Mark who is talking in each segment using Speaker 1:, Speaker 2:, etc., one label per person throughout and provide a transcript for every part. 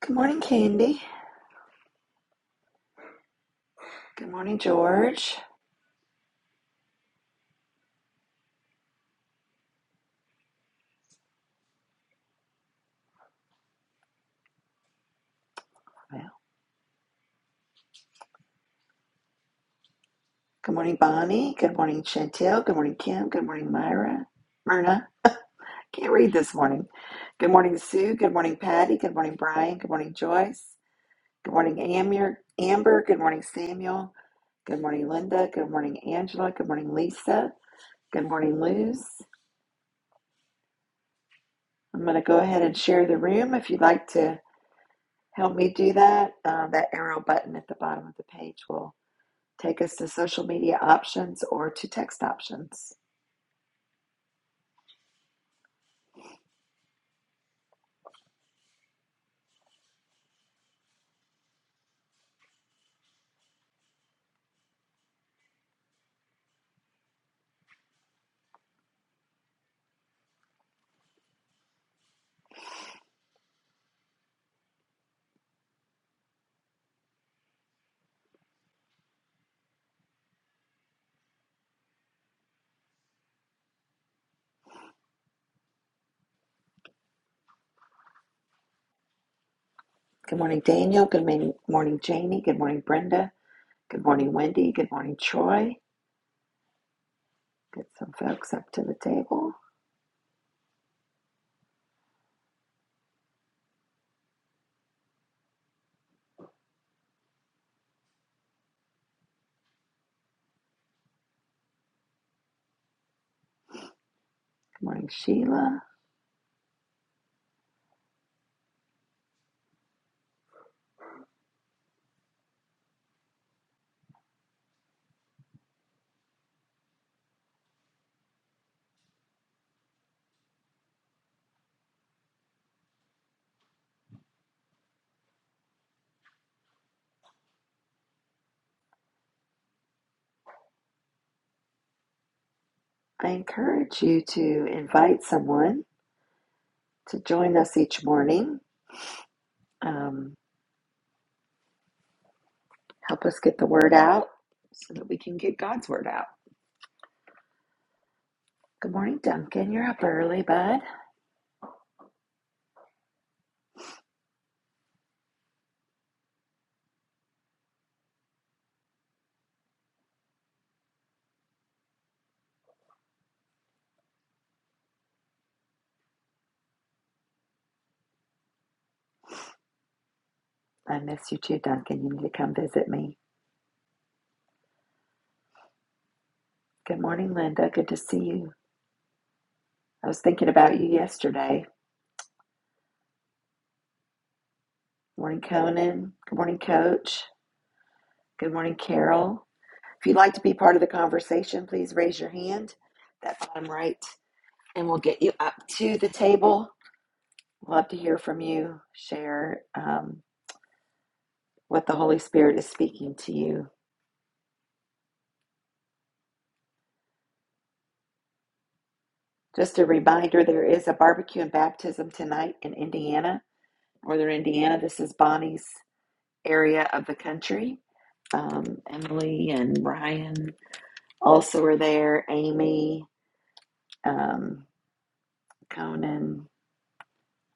Speaker 1: Good morning, Candy. Good morning, George. Well, Good morning, Bonnie. Good morning, Chantel. Good morning, Kim. Good morning, Myra. Myrna. I can't read this morning. Good morning, Sue. Good morning, Patty. Good morning, Brian. Good morning, Joyce. Good morning, Amir, Amber. Good morning, Samuel. Good morning, Linda. Good morning, Angela. Good morning, Lisa. Good morning, Luz. I'm going to go ahead and share the room. If you'd like to help me do that, uh, that arrow button at the bottom of the page will Take us to social media options or to text options. Good morning, Daniel. Good morning, morning, Janie. Good morning, Brenda. Good morning, Wendy. Good morning, Troy. Get some folks up to the table. Good morning, Sheila. I encourage you to invite someone to join us each morning. Um, help us get the word out so that we can get God's word out. Good morning, Duncan. You're up early, bud. I miss you too, Duncan. You need to come visit me. Good morning, Linda. Good to see you. I was thinking about you yesterday. Good Morning, Conan. Good morning, Coach. Good morning, Carol. If you'd like to be part of the conversation, please raise your hand, that bottom right, and we'll get you up to the table. Love to hear from you. Share um, what the Holy Spirit is speaking to you. Just a reminder there is a barbecue and baptism tonight in Indiana, Northern Indiana. This is Bonnie's area of the country. Um, Emily and Ryan also were there Amy, um, Conan,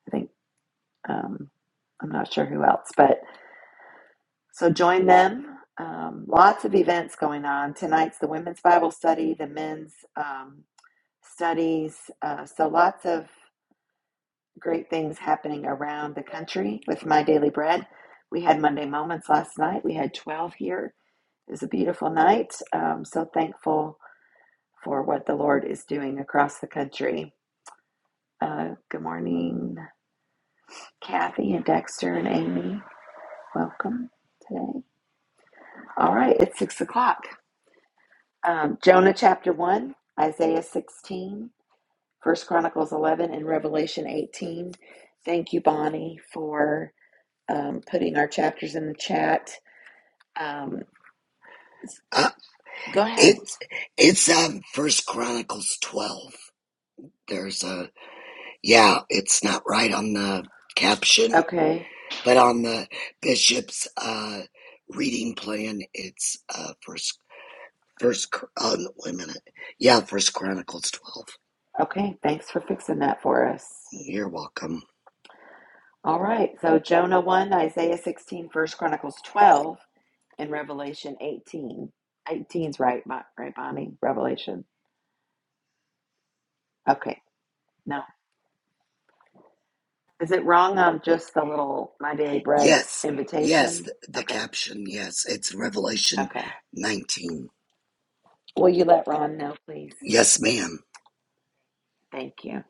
Speaker 1: I think, um, I'm not sure who else, but so join them. Um, lots of events going on. Tonight's the women's Bible study, the men's um, studies. Uh, so lots of great things happening around the country with My Daily Bread. We had Monday Moments last night. We had 12 here. It was a beautiful night. Um, so thankful for what the Lord is doing across the country. Uh, good morning. Kathy and Dexter and Amy, welcome today. All right, it's six o'clock. Um, Jonah chapter 1, Isaiah 16, First Chronicles 11, and Revelation 18. Thank you, Bonnie, for um, putting our chapters in the chat. Um,
Speaker 2: Uh,
Speaker 1: go ahead.
Speaker 2: it's it's um First Chronicles twelve. There's a yeah. It's not right on the caption,
Speaker 1: Okay,
Speaker 2: but on the bishop's uh reading plan, it's uh First First. Chr- Oh, no, wait a minute. Yeah, First Chronicles twelve.
Speaker 1: okay, thanks for fixing that for us.
Speaker 2: You're welcome.
Speaker 1: All right, so Jonah 1, Isaiah 16, First Chronicles 12, and Revelation 18. Eighteen's right, Bo- right, Bonnie? Revelation. Okay. No. Is it wrong on just the little My Daily Bread
Speaker 2: Yes, yes.
Speaker 1: invitation?
Speaker 2: The, the
Speaker 1: Okay.
Speaker 2: caption. Yes, it's Revelation
Speaker 1: Okay.
Speaker 2: nineteen.
Speaker 1: Will you let Ron know, please?
Speaker 2: Yes, ma'am.
Speaker 1: Thank you.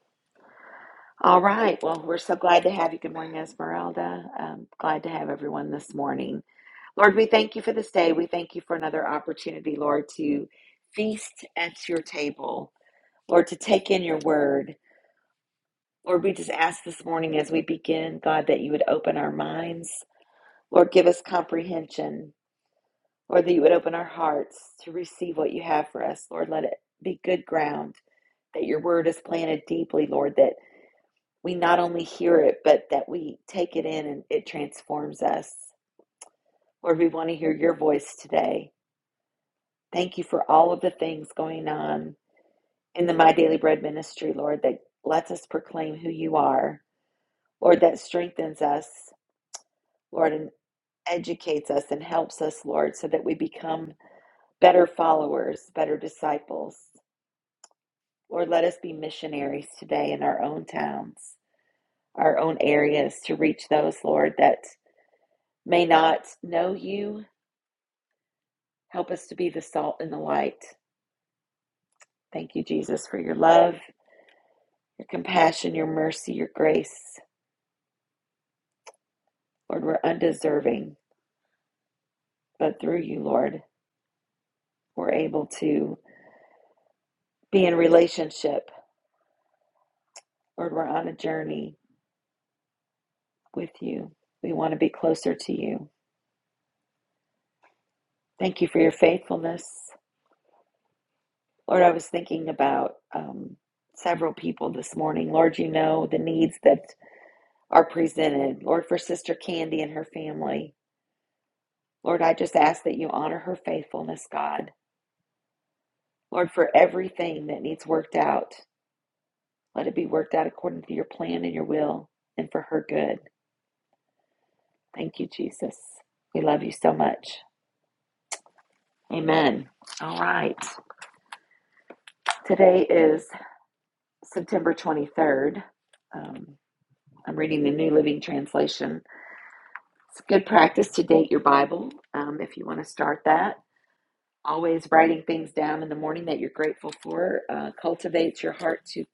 Speaker 1: All right. Well, we're so glad to have you. Good morning, Esmeralda. Um, glad to have everyone this morning. Lord, we thank you for this day. We thank you for another opportunity, Lord, to feast at your table, Lord, to take in your word. Lord, we just ask this morning as we begin, God, that you would open our minds. Lord, give us comprehension. Lord, that you would open our hearts to receive what you have for us. Lord, let it be good ground, that your word is planted deeply, Lord, that we not only hear it, but that we take it in and it transforms us. Lord, we want to hear your voice today. Thank you for all of the things going on in the My Daily Bread ministry, Lord, that lets us proclaim who you are. Lord, that strengthens us, Lord, and educates us and helps us, Lord, so that we become better followers, better disciples. Lord, let us be missionaries today in our own towns, our own areas to reach those, Lord, that may not know you. Help us to be the salt and the light. Thank you, Jesus, for your love, your compassion, your mercy, your grace. Lord, we're undeserving, but through you, Lord, we're able to be in relationship. Lord, we're on a journey with you. We want to be closer to you. Thank you for your faithfulness. Lord, I was thinking about um, several people this morning. Lord, you know the needs that are presented. Lord, for Sister Candy and her family. Lord, I just ask that you honor her faithfulness, God. Lord, for everything that needs worked out, let it be worked out according to your plan and your will and for her good. Thank you, Jesus. We love you so much. Amen. All right. Today is September 23rd. Um, I'm reading the New Living Translation. It's good practice to date your Bible um, if you want to start that. Always writing things down in the morning that you're grateful for uh, cultivates your heart to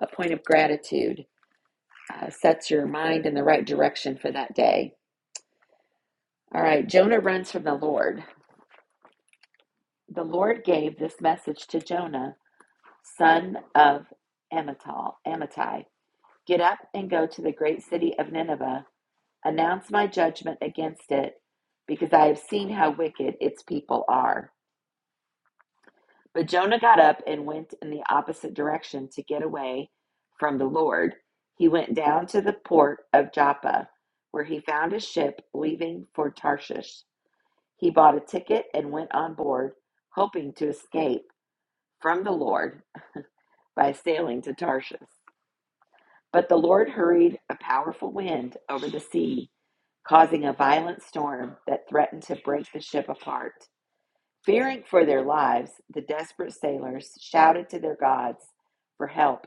Speaker 1: a point of gratitude, uh, sets your mind in the right direction for that day. All right, Jonah runs from the Lord. The Lord gave this message to Jonah, son of Amittai, Amittai Get up and go to the great city of Nineveh, announce my judgment against it, because I have seen how wicked its people are. But Jonah got up and went in the opposite direction to get away from the Lord. He went down to the port of Joppa, where he found a ship leaving for Tarshish. He bought a ticket and went on board, hoping to escape from the Lord by sailing to Tarshish. But the Lord hurried a powerful wind over the sea, causing a violent storm that threatened to break the ship apart. Fearing for their lives, the desperate sailors shouted to their gods for help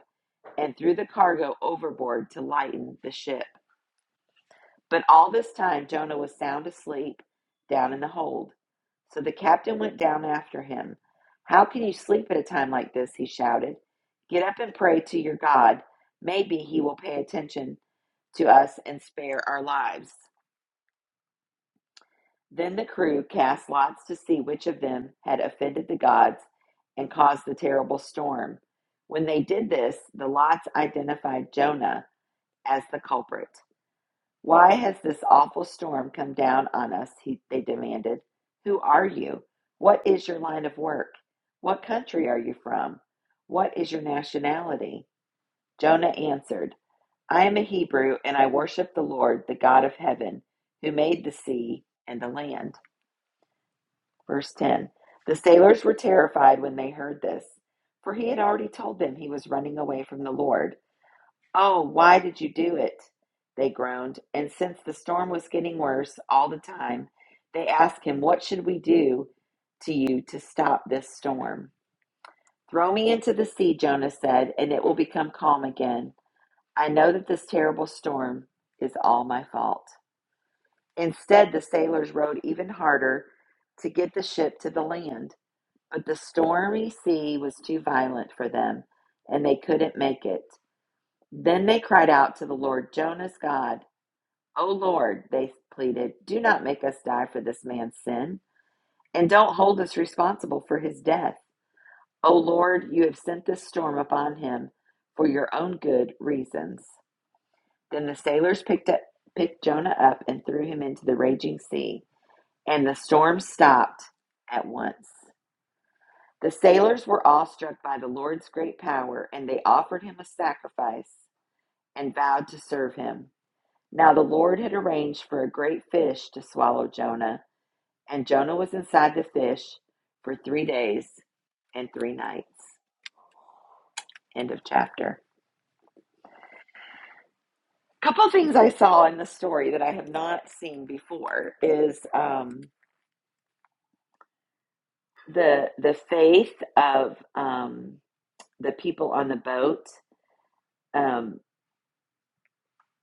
Speaker 1: and threw the cargo overboard to lighten the ship. But all this time, Jonah was sound asleep down in the hold. So the captain went down after him. How can you sleep at a time like this? He shouted. Get up and pray to your God. Maybe he will pay attention to us and spare our lives. Then the crew cast lots to see which of them had offended the gods and caused the terrible storm. When they did this, the lots identified Jonah as the culprit. Why has this awful storm come down on us? He, they demanded. Who are you? What is your line of work? What country are you from? What is your nationality? Jonah answered, I am a Hebrew and I worship the Lord, the God of heaven, who made the sea and the land. Verse 10 The sailors were terrified when they heard this, for he had already told them he was running away from the Lord. Oh, why did you do it? They groaned. And since the storm was getting worse all the time, they asked him, What should we do to you to stop this storm? Throw me into the sea, Jonah said, and it will become calm again. I know that this terrible storm is all my fault. Instead, the sailors rowed even harder to get the ship to the land. But the stormy sea was too violent for them, and they couldn't make it. Then they cried out to the Lord, Jonah's God. O Lord, they pleaded, do not make us die for this man's sin, and don't hold us responsible for his death. O Lord, you have sent this storm upon him for your own good reasons. Then the sailors picked up picked Jonah up and threw him into the raging sea, and the storm stopped at once. The sailors were awestruck by the Lord's great power, and they offered him a sacrifice and vowed to serve him. Now the Lord had arranged for a great fish to swallow Jonah, and Jonah was inside the fish for three days and three nights. End of chapter. A couple of things I saw in the story that I have not seen before is um, the the faith of um, the people on the boat. Um,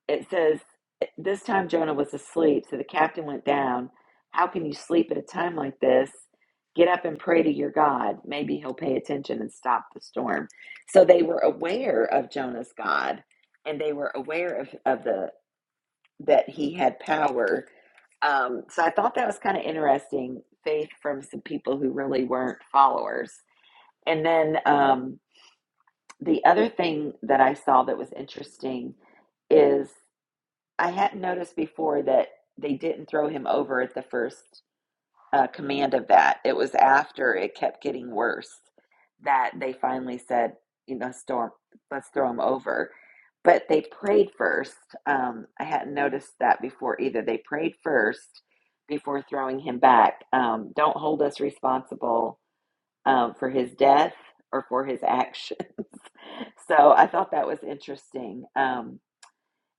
Speaker 1: it says, "Eh, This time Jonah was asleep, so the captain went down. How can you sleep at a time like this? Get up and pray to your God. Maybe he'll pay attention and stop the storm. So they were aware of Jonah's God and they were aware of, of the that he had power. Um, so I thought that was kind of interesting faith from some people who really weren't followers. And then um, the other thing that I saw that was interesting is. I hadn't noticed before that they didn't throw him over at the first uh, command of that. It was after it kept getting worse that they finally said, you know, storm, let's throw him over. But they prayed first. Um, I hadn't noticed that before either. They prayed first before throwing him back. Um, don't hold us responsible um, for his death or for his actions. so I thought that was interesting. Um,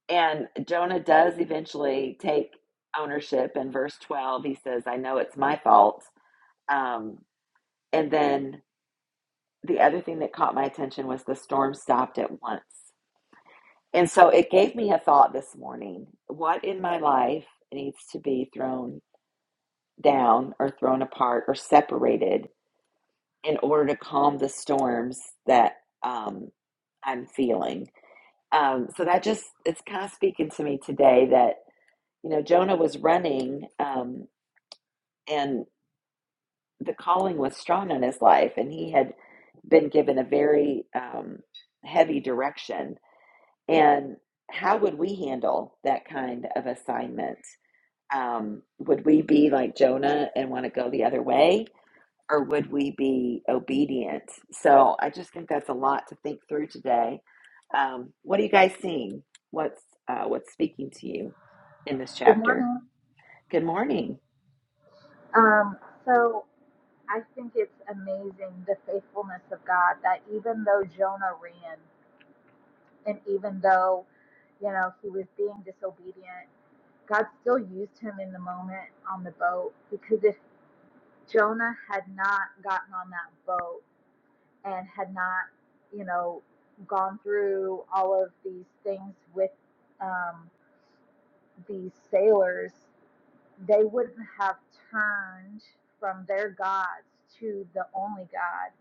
Speaker 1: and Jonah does eventually take ownership in verse 12. He says, I know it's my fault. Um, and then the other thing that caught my attention was the storm stopped at once. And so it gave me a thought this morning. What in my life needs to be thrown down or thrown apart or separated in order to calm the storms that um, I'm feeling? Um, so that just, it's kind of speaking to me today that. you know, Jonah was running, um, and the calling was strong on his life, and he had been given a very um, heavy direction. And how would we handle that kind of assignment? Um, would we be like Jonah and want to go the other way, or would we be obedient? So I just think that's a lot to think through today. Um, what are you guys seeing? What's uh, what's speaking to you in this
Speaker 3: Good
Speaker 1: chapter?
Speaker 3: morning.
Speaker 1: Good morning.
Speaker 3: Um, so I think it's amazing the faithfulness of God that even though Jonah ran and even though, you know, he was being disobedient, God still used him in the moment on the boat because if Jonah had not gotten on that boat and had not, you know, gone through all of these things with um, these sailors they wouldn't have turned from their gods to the only God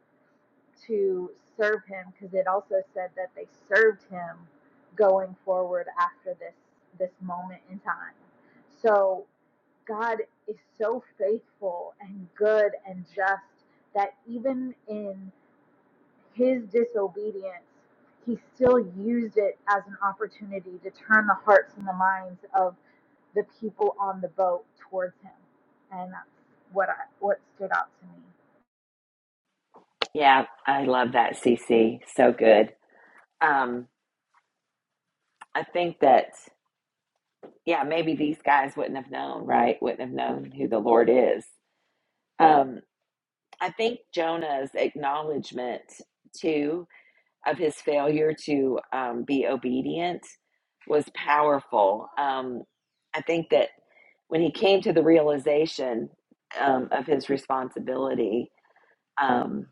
Speaker 3: to serve him because it also said that they served him going forward after this this moment in time. So God is so faithful and good and just that even in his disobedience, he still used it as an opportunity to turn the hearts and the minds of the people on the boat towards him, and that's what I what stood out to me.
Speaker 1: Yeah, I love that, CC. So good. Um, I think that, yeah, maybe these guys wouldn't have known, right? Wouldn't have known who the Lord is. Um, I think Jonah's acknowledgement, too, of his failure to um, be obedient was powerful. Um, I think that when he came to the realization um, of his responsibility, um,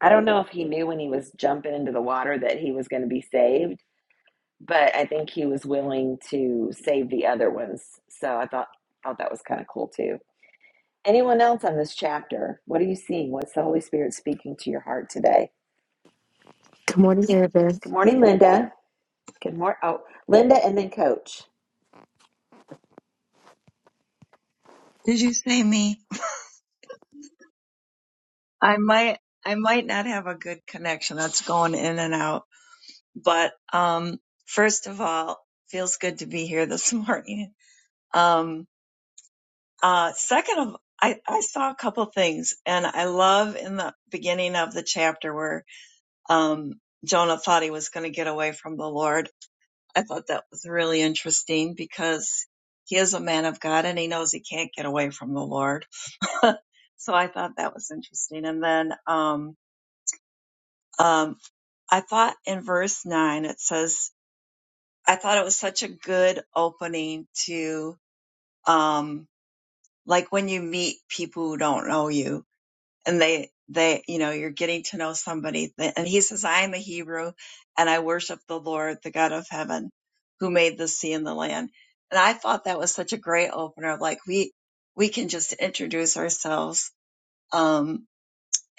Speaker 1: I don't know if he knew when he was jumping into the water that he was going to be saved but I think he was willing to save the other ones. So I thought thought that was kind of cool too. Anyone else on this chapter? What are you seeing? What's the Holy Spirit speaking to your heart today?
Speaker 4: Good morning, Mary Beth.
Speaker 1: Good morning, Linda. Good morning. Oh, Linda, and then Coach.
Speaker 5: Did you say me? I might I might not have a good connection. That's going in and out. But um first of all, feels good to be here this morning. Um uh second of I, I saw a couple things and I love in the beginning of the chapter where um Jonah thought he was going to get away from the Lord. I thought that was really interesting because he is a man of God and he knows he can't get away from the Lord. so I thought that was interesting. And then um Um, I thought in verse nine it says, I thought it was such a good opening to, um, like when you meet people who don't know you and they, they, you know, you're getting to know somebody. And he says, I am a Hebrew and I worship the Lord, the God of heaven who made the sea and the land. And I thought that was such a great opener. Like we, we can just introduce ourselves. Um,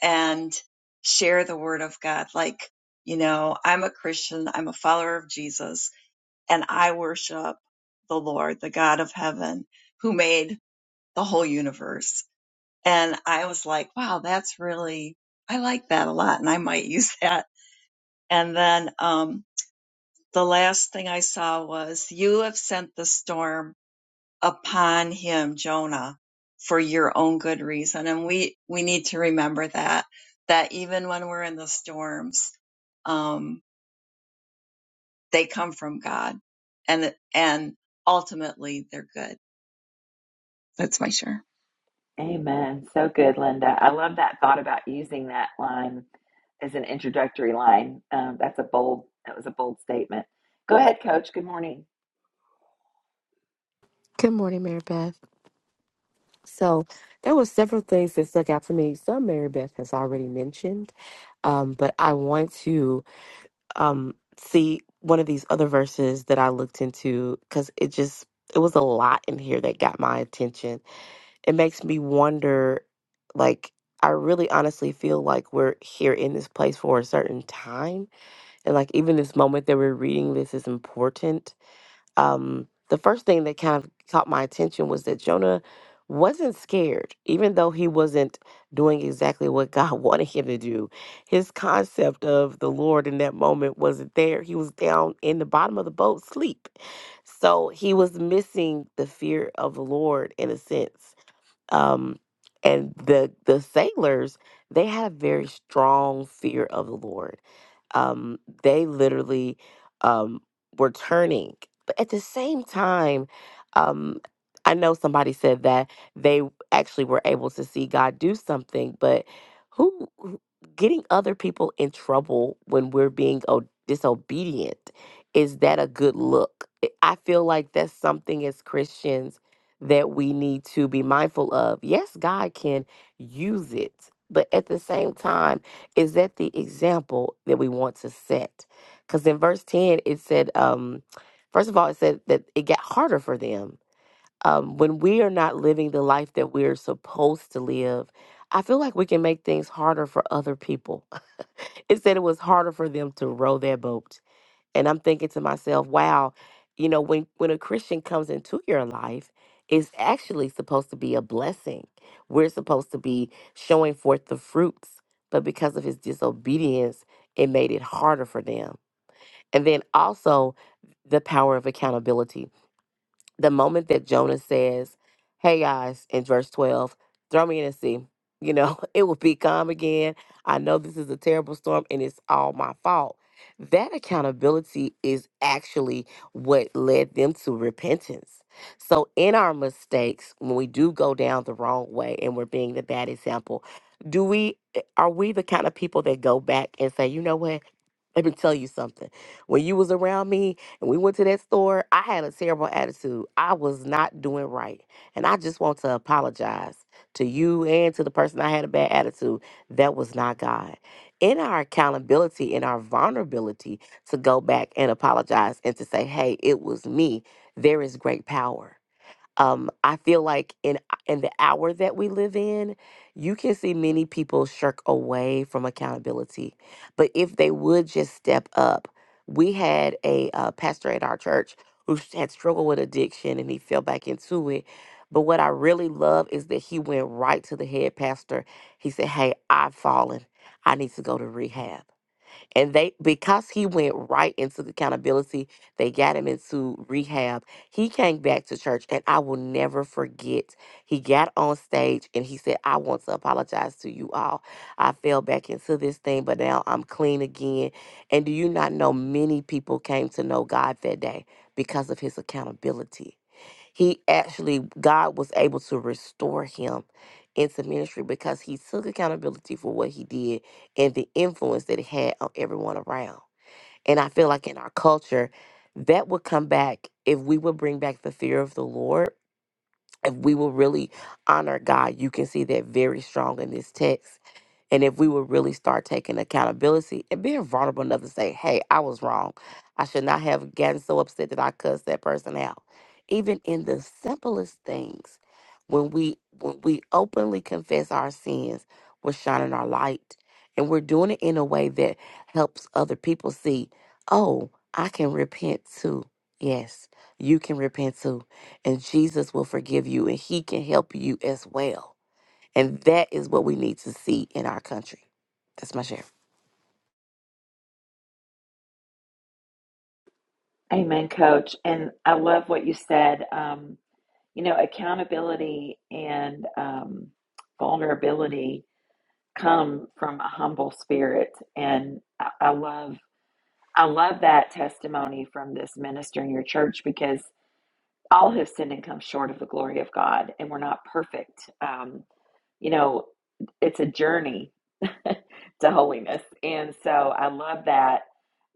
Speaker 5: and share the word of God. Like, you know, I'm a Christian, I'm a follower of Jesus, and I worship the Lord, the God of heaven, who made the whole universe. And I was like, wow, that's really, I like that a lot, and I might use that. And then um, the last thing I saw was, You have sent the storm upon him Jonah for your own good reason. And we, we need to remember that, that even when we're in the storms, um, they come from God and, and ultimately they're good. That's my share.
Speaker 1: Amen. So good, Linda. I love that thought about using that line as an introductory line. Um, that's a bold, that was a bold statement. Go ahead, coach. Good morning.
Speaker 4: Good morning, Mary Beth. So there were several things that stuck out for me. Some Mary Beth has already mentioned, um, but I want to um, see one of these other verses that I looked into because it just it was a lot in here that got my attention. It makes me wonder, like I really honestly feel like we're here in this place for a certain time, and like even this moment that we're reading this is important um, the first thing that kind of caught my attention was that Jonah wasn't scared, even though he wasn't doing exactly what God wanted him to do. His concept of the Lord in that moment wasn't there. He was down in the bottom of the boat, sleep. So he was missing the fear of the Lord in a sense um and the the sailors they had a very strong fear of the lord um they literally um were turning but at the same time um i know somebody said that they actually were able to see god do something but who who- getting other people in trouble when we're being o- disobedient is that a good look i I feel like that's something as christians that we need to be mindful of. Yes, God can use it, but at the same time, is that the example that we want to set? Because in verse 10, it said, um, first of all, it said that it got harder for them. Um, when we are not living the life that we're supposed to live, I feel like we can make things harder for other people. it said it was harder for them to row their boat and I'm thinking to myself, wow, you know, when when a Christian comes into your life, it's actually supposed to be a blessing. We're supposed to be showing forth the fruits, but because of his disobedience, it made it harder for them. And then also the power of accountability the moment that Jonah says, Hey guys, in verse 12, throw me in the sea, you know, it will be calm again. I know this is a terrible storm and it's all my fault. That accountability is actually what led them to repentance. So, in our mistakes, when we do go down the wrong way and we're being the bad example, do we eh, are we the kind of people that go back and say, you know what? Let me tell you something. When you was around me and we went to that store, I had a terrible attitude. I was not doing right. And I just want to apologize to you and to the person I had a bad attitude. That was not God. In our accountability, in our vulnerability to go back and apologize and to say, hey, it was me, there is great power um, I feel like in in the hour that we live in, you can see many people shirk away from accountability. But if they would just step up, we had a uh, pastor at our church who s- had struggled with addiction and he fell back into it. But what I really love is that he went right to the head pastor. He said, "Hey, I've fallen. I need to go to rehab." And they because he went right into the accountability, they got him into rehab. He came back to church and I will never forget. He got on stage and he said, I want to apologize to you all. I fell back into this thing, but now I'm clean again. And do you not know many people came to know God that day because of his accountability? He actually, God was able to restore him into ministry because he took accountability for what he did and the influence that it had on everyone around. And I feel like in our culture, that would come back if we would bring back the fear of the Lord. If we will really honor God, you can see that very strong in this text and if we would really start taking accountability and being vulnerable enough to say, hey, I was wrong. I should not have gotten so upset that I cussed that person out. Even in the simplest things, when we when we openly confess our sins, we're shining our light. And we're doing it in a way that helps other people see, oh, I can repent too. Yes, you can repent too. And Jesus will forgive you and he can help you as well and that is what we need to see in our country. That's my share.
Speaker 1: Amen, coach. And I love what you said. Um, you know, accountability and um, vulnerability come from a humble spirit and I, I love I love that testimony from this minister in your church because all have sinned and come short of the glory of God and we're not perfect. Um, you know, it's a journey to holiness. And so I love that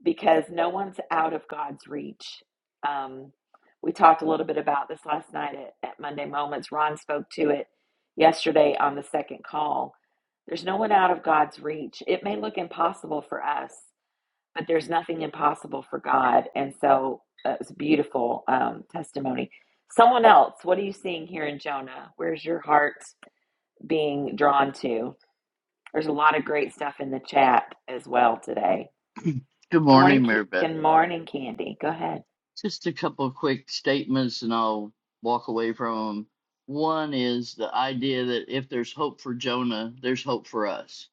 Speaker 1: because no one's out of God's reach. Um, we talked a little bit about this last night at, at Monday Moments. Ron spoke to it yesterday on the second call. There's no one out of God's reach. It may look impossible for us, but there's nothing impossible for God. And so uh, it's a beautiful um, testimony. Someone else, what are you seeing here in Jonah? Where's your heart? being drawn to. There's a lot of great stuff in the chat as well today.
Speaker 6: Good
Speaker 1: Good morning,
Speaker 6: morning, Mary Beth.
Speaker 1: good morning, Candy. Go ahead.
Speaker 6: Just a couple of quick statements and I'll walk away from them. One is the idea that if there's hope for Jonah, there's hope for us.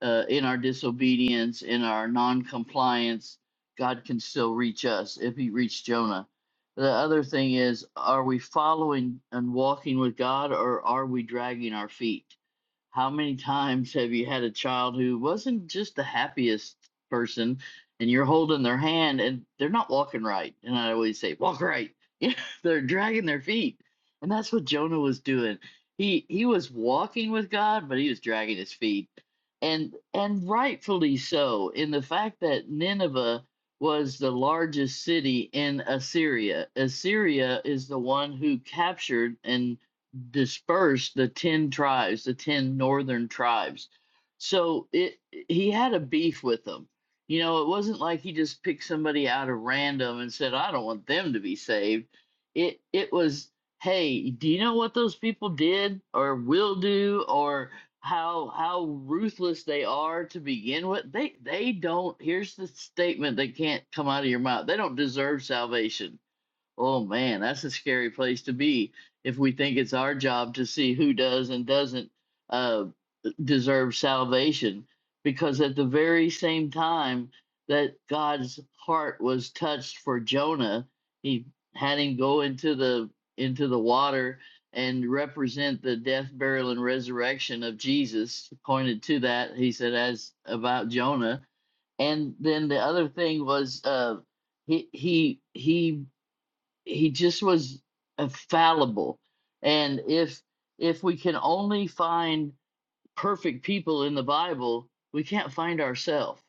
Speaker 6: Uh, in our disobedience, in our non compliance, God can still reach us if He reached Jonah. The other thing is, are we following and walking with God or are we dragging our feet? How many times have you had a child who wasn't just the happiest person and you're holding their hand and they're not walking right? And I always say, walk right. Yeah, they're dragging their feet. And that's what Jonah was doing. He he was walking with God, but he was dragging his feet. And and rightfully so, in the fact that Nineveh was the largest city in Assyria. Assyria is the one who captured and dispersed the 10 tribes, the 10 northern tribes. So it he had a beef with them. You know, it wasn't like he just picked somebody out of random and said, "I don't want them to be saved." It it was, "Hey, do you know what those people did or will do or how how ruthless they are to begin with? They they don't. Here's the statement that can't come out of your mouth. They don't deserve salvation Oh man, that's a scary place to be if we think it's our job to see who does and doesn't uh, deserve salvation. Because at the very same time that God's heart was touched for Jonah, he had him go into the into the water and represent the death, burial, and resurrection of Jesus. Pointed to that, he said, as about Jonah. And then the other thing was uh, he he he he just was uh, fallible and if if we can only find perfect people in the bible we can't find ourselves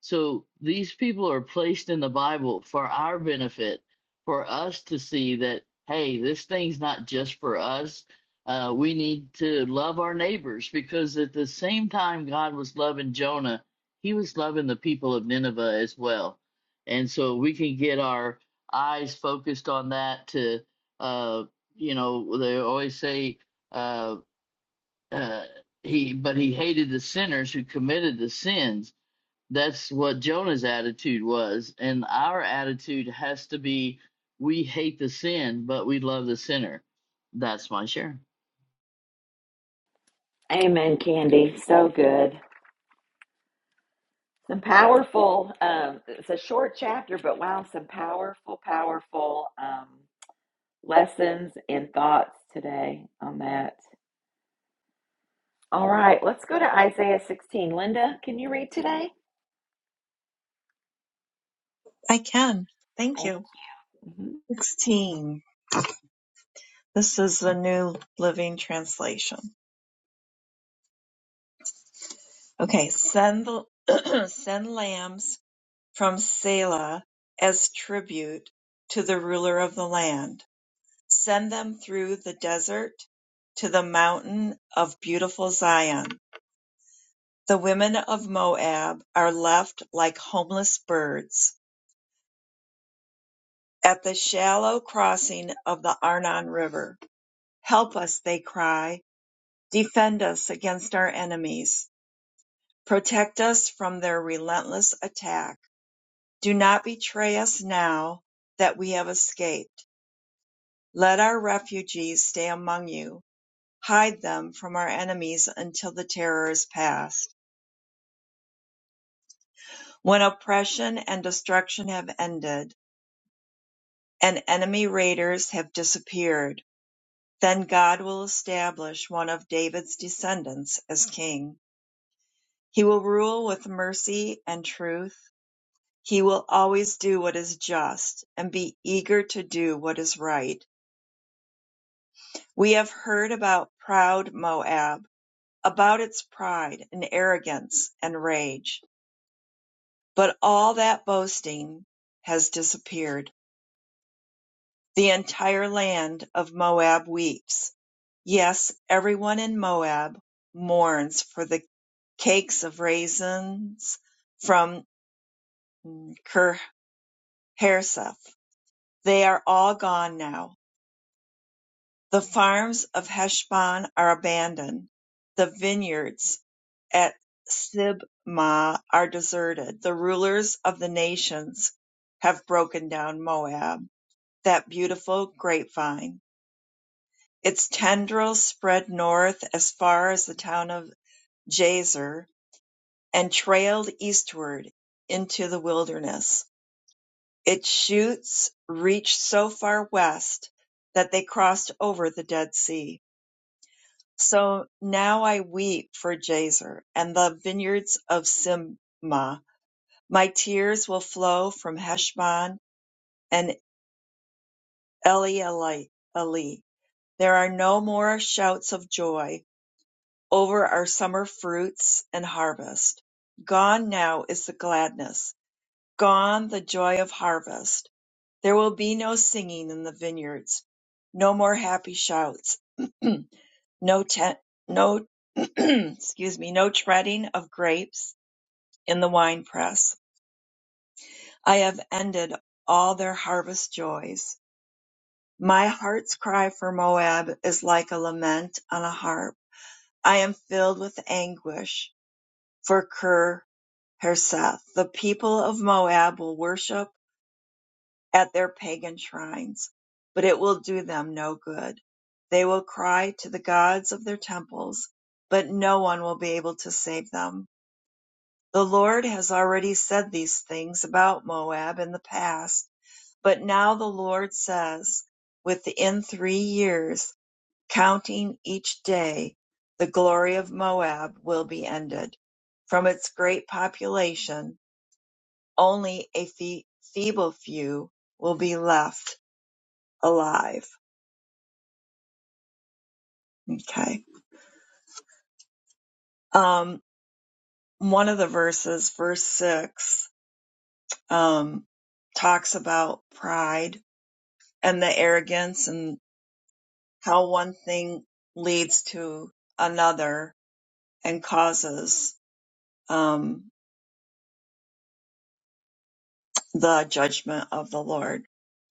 Speaker 6: so these people are placed in the Bible for our benefit, for us to see that, hey, this thing's not just for us. Uh, we need to love our neighbors because at the same time God was loving Jonah, he was loving the people of Nineveh as well. And so we can get our eyes focused on that to, uh, you know, they always say, uh, uh, he, but he hated the sinners who committed the sins that's what Jonah's attitude was. And our attitude has to be we hate the sin, but we love the sinner. That's my share.
Speaker 1: Amen, Candy. So good. Some powerful. Um, it's a short chapter, but wow, some powerful, powerful um, lessons and thoughts today on that. All right, let's go to Isaiah 16. Linda, can you read today?
Speaker 5: I can. Thank
Speaker 1: Thank.
Speaker 5: you.
Speaker 1: mhm.
Speaker 5: 16. This is the new living translation. Okay. Send, the- send lambs from Selah as tribute to the ruler of the land Send them through the desert to the mountain of beautiful Zion. The women of Moab are left like homeless birds at the shallow crossing of the Arnon River. Help us, they cry. Defend us against our enemies. Protect us from their relentless attack. Do not betray us now that we have escaped. Let our refugees stay among you hide them from our enemies until the terror is past, when oppression and destruction have ended, and enemy raiders have disappeared. Then God will establish one of David's descendants as king. He will rule with mercy and truth. He will always do what is just and be eager to do what is right. We have heard about proud Moab, about its pride and arrogance and rage But all that boasting has disappeared. The entire land of Moab weeps. Yes, everyone in Moab mourns for the cakes of raisins from Ker- They are all gone now. The farms of Heshbon are abandoned. The vineyards at Sibmah are deserted. The rulers of the nations have broken down Moab. that beautiful grapevine. Its tendrils spread north as far as the town of Jazer and trailed eastward into the wilderness. Its shoots reached so far west that they crossed over the Dead Sea. So now I weep for Jazer and the vineyards of Simma. My tears will flow from Heshbon and Elealai. There are no more shouts of joy Over our summer fruits and harvest. Gone now is the gladness, gone the joy of harvest. There will be no singing in the vineyards, no more happy shouts, no tent, no, excuse me, no treading of grapes in the winepress. I have ended all their harvest joys. My heart's cry for Moab is like a lament on a harp. I am filled with anguish for Ker Harseth, the people of Moab will worship at their pagan shrines, but it will do them no good. They will cry to the gods of their temples, but no one will be able to save them. The Lord has already said these things about Moab in the past, but now the Lord says, within three years, counting each day, the glory of Moab will be ended. From its great population, only a fe- feeble few will be left alive. Okay. Um, one of the verses, verse six, um, talks about pride and the arrogance and how one thing leads to another and causes, um, the judgment of the Lord.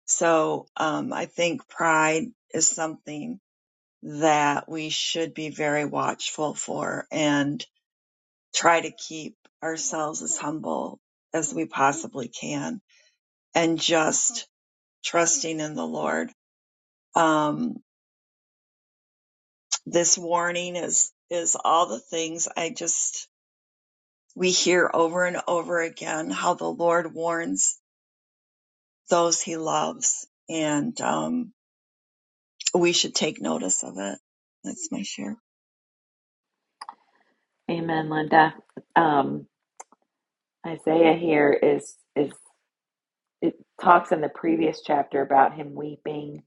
Speaker 5: So, um, I think pride is something that we should be very watchful for. And try to keep ourselves as humble as we possibly can and just trusting in the Lord. Um, this warning is, is all the things I just, we hear over and over again how the Lord warns those he loves and, um, we should take notice of it. That's my share.
Speaker 1: Amen, Linda. Um, Isaiah here is is it talks in the previous chapter about him weeping.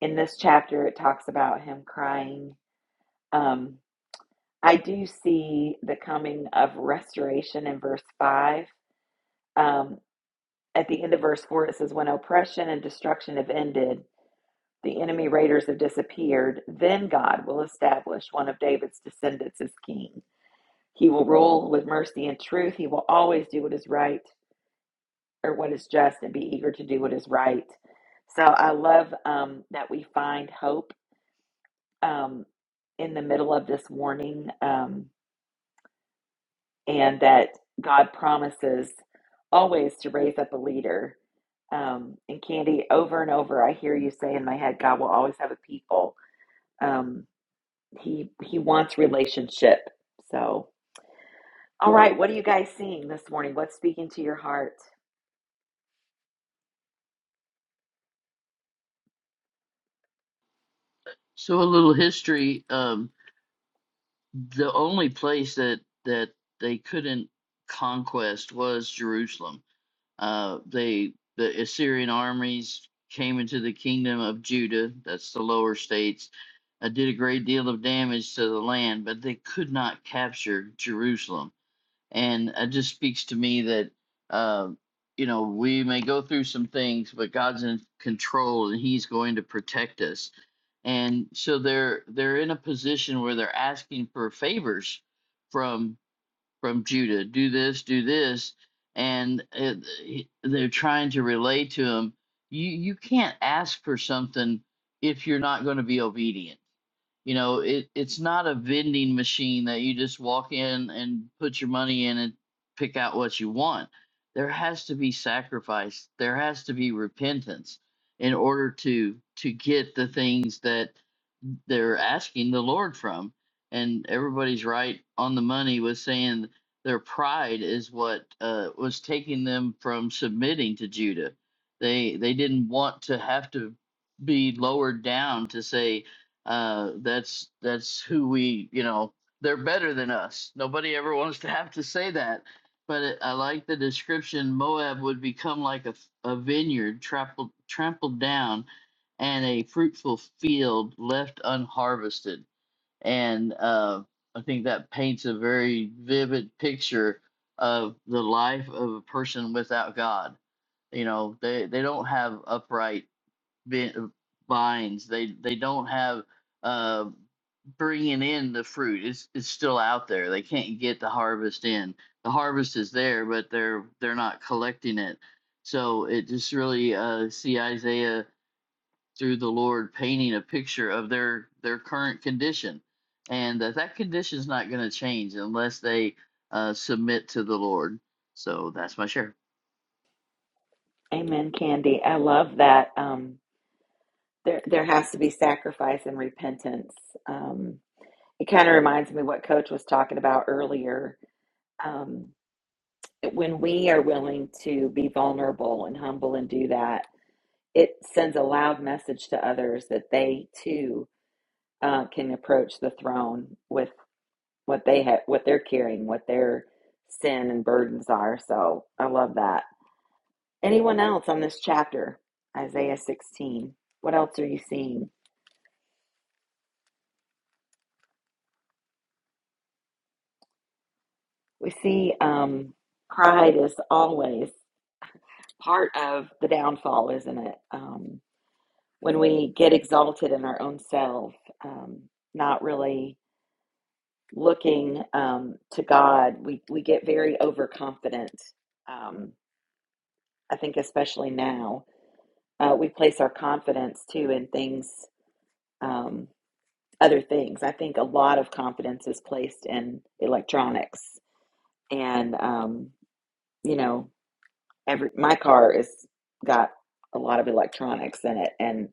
Speaker 1: In this chapter, it talks about him crying. Um, I do see the coming of restoration in verse 5. Um, at the end of verse 4, it says, When oppression and destruction have ended, the enemy raiders have disappeared, then God will establish one of David's descendants as king. He will rule with mercy and truth. He will always do what is right or what is just and be eager to do what is right. So I love um, that we find hope um, in the middle of this warning um, and that God promises always to raise up a leader. Um, and Candy, over and over, I hear you say in my head, God will always have a people. Um, he He wants relationship. So, all right, what are you guys seeing this morning? What's speaking to your heart?
Speaker 6: So a little history. Um, the only place that that they couldn't conquest was Jerusalem. Uh, they the Assyrian armies came into the kingdom of Judah. That's the lower states. Uh, did a great deal of damage to the land, but they could not capture Jerusalem and it just speaks to me that uh, you know we may go through some things but god's in control and he's going to protect us and so they're they're in a position where they're asking for favors from from judah do this do this and it, they're trying to relay to him you you can't ask for something if you're not going to be obedient you know, it, it's not a vending machine that you just walk in and put your money in and pick out what you want. There has to be sacrifice. There has to be repentance in order to to get the things that they're asking the Lord from. And everybody's right on the money with saying their pride is what uh, was taking them from submitting to Judah. They they didn't want to have to be lowered down to say, uh, that's that's who we, you know, they're better than us. Nobody ever wants to have to say that. But it, I like the description. Moab would become like a, a vineyard trampled trampled down, and a fruitful field left unharvested. And uh, I think that paints a very vivid picture of the life of a person without God. You know, they they don't have upright vi- vines. They they don't have uh, bringing in the fruit. It's it's still out there. They can't get the harvest in. The harvest is there, but they're they're not collecting it. So it just really uh, see Isaiah through the Lord painting a picture of their their current condition, and that that condition is not going to change unless they uh, submit to the Lord. So that's my share.
Speaker 1: Amen, Candy. I love that. Um, there there has to be sacrifice and repentance. Um, it kind of reminds me what Coach was talking about earlier. Um, when we are willing to be vulnerable and humble and do that, it sends a loud message to others that they too uh, can approach the throne with what they have, what they're carrying, what their sin and burdens are. So I love that. Anyone else on this chapter, Isaiah 16? What else are you seeing? We see um, pride is always part of the downfall, isn't it? Um, when we get exalted in our own self, um, not really looking um, to God, we, we get very overconfident. Um, I think, especially now, uh, we place our confidence too in things, um, other things. I think a lot of confidence is placed in electronics and, um, you know, every my car is got a lot of electronics in it and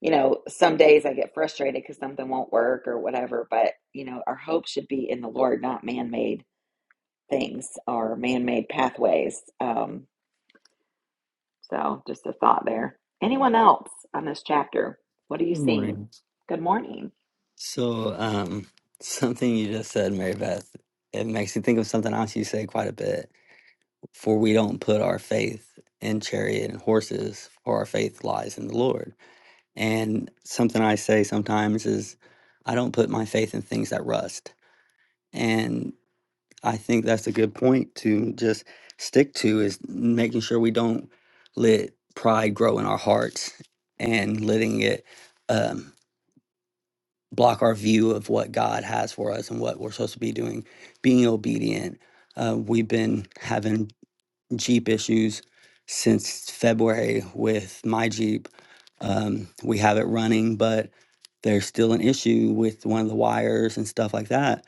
Speaker 1: you know some days i get frustrated because something won't work or whatever but you know our hope should be in the lord not man-made things or man-made pathways um, so just a thought there anyone else on this chapter what are you
Speaker 7: Good
Speaker 1: seeing
Speaker 7: morning.
Speaker 1: good morning
Speaker 7: So, um, something you just said, Mary Beth, it makes me think of something else you say quite a bit. For we don't put our faith in chariot and horses, for our faith lies in the Lord. And something I say sometimes is, I don't put my faith in things that rust. And I think that's a good point to just stick to is making sure we don't let pride grow in our hearts and letting it. um, block our view of what God has for us and what we're supposed to be doing, being obedient. Uh, we've been having Jeep issues since February with my Jeep. Um, we have it running, but there's still an issue with one of the wires and stuff like that.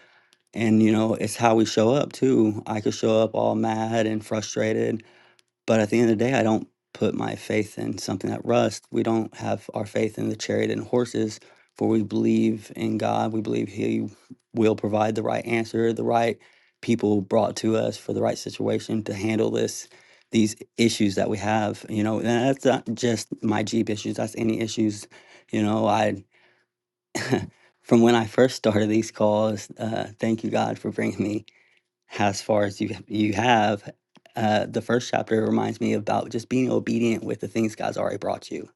Speaker 7: And, you know, it's how we show up too. I could show up all mad and frustrated but at the end of the day, I don't put my faith in something that rusts. We don't have our faith in the chariot and horses, for we believe in God. We believe He will provide the right answer, the right people brought to us for the right situation to handle this these issues that we have you know and that's not just my jeep issues that's any issues you know i from when i first started these calls uh, thank you god for bringing me as far as you you have. Uh, the first chapter reminds me about just being obedient with the things God's already brought you,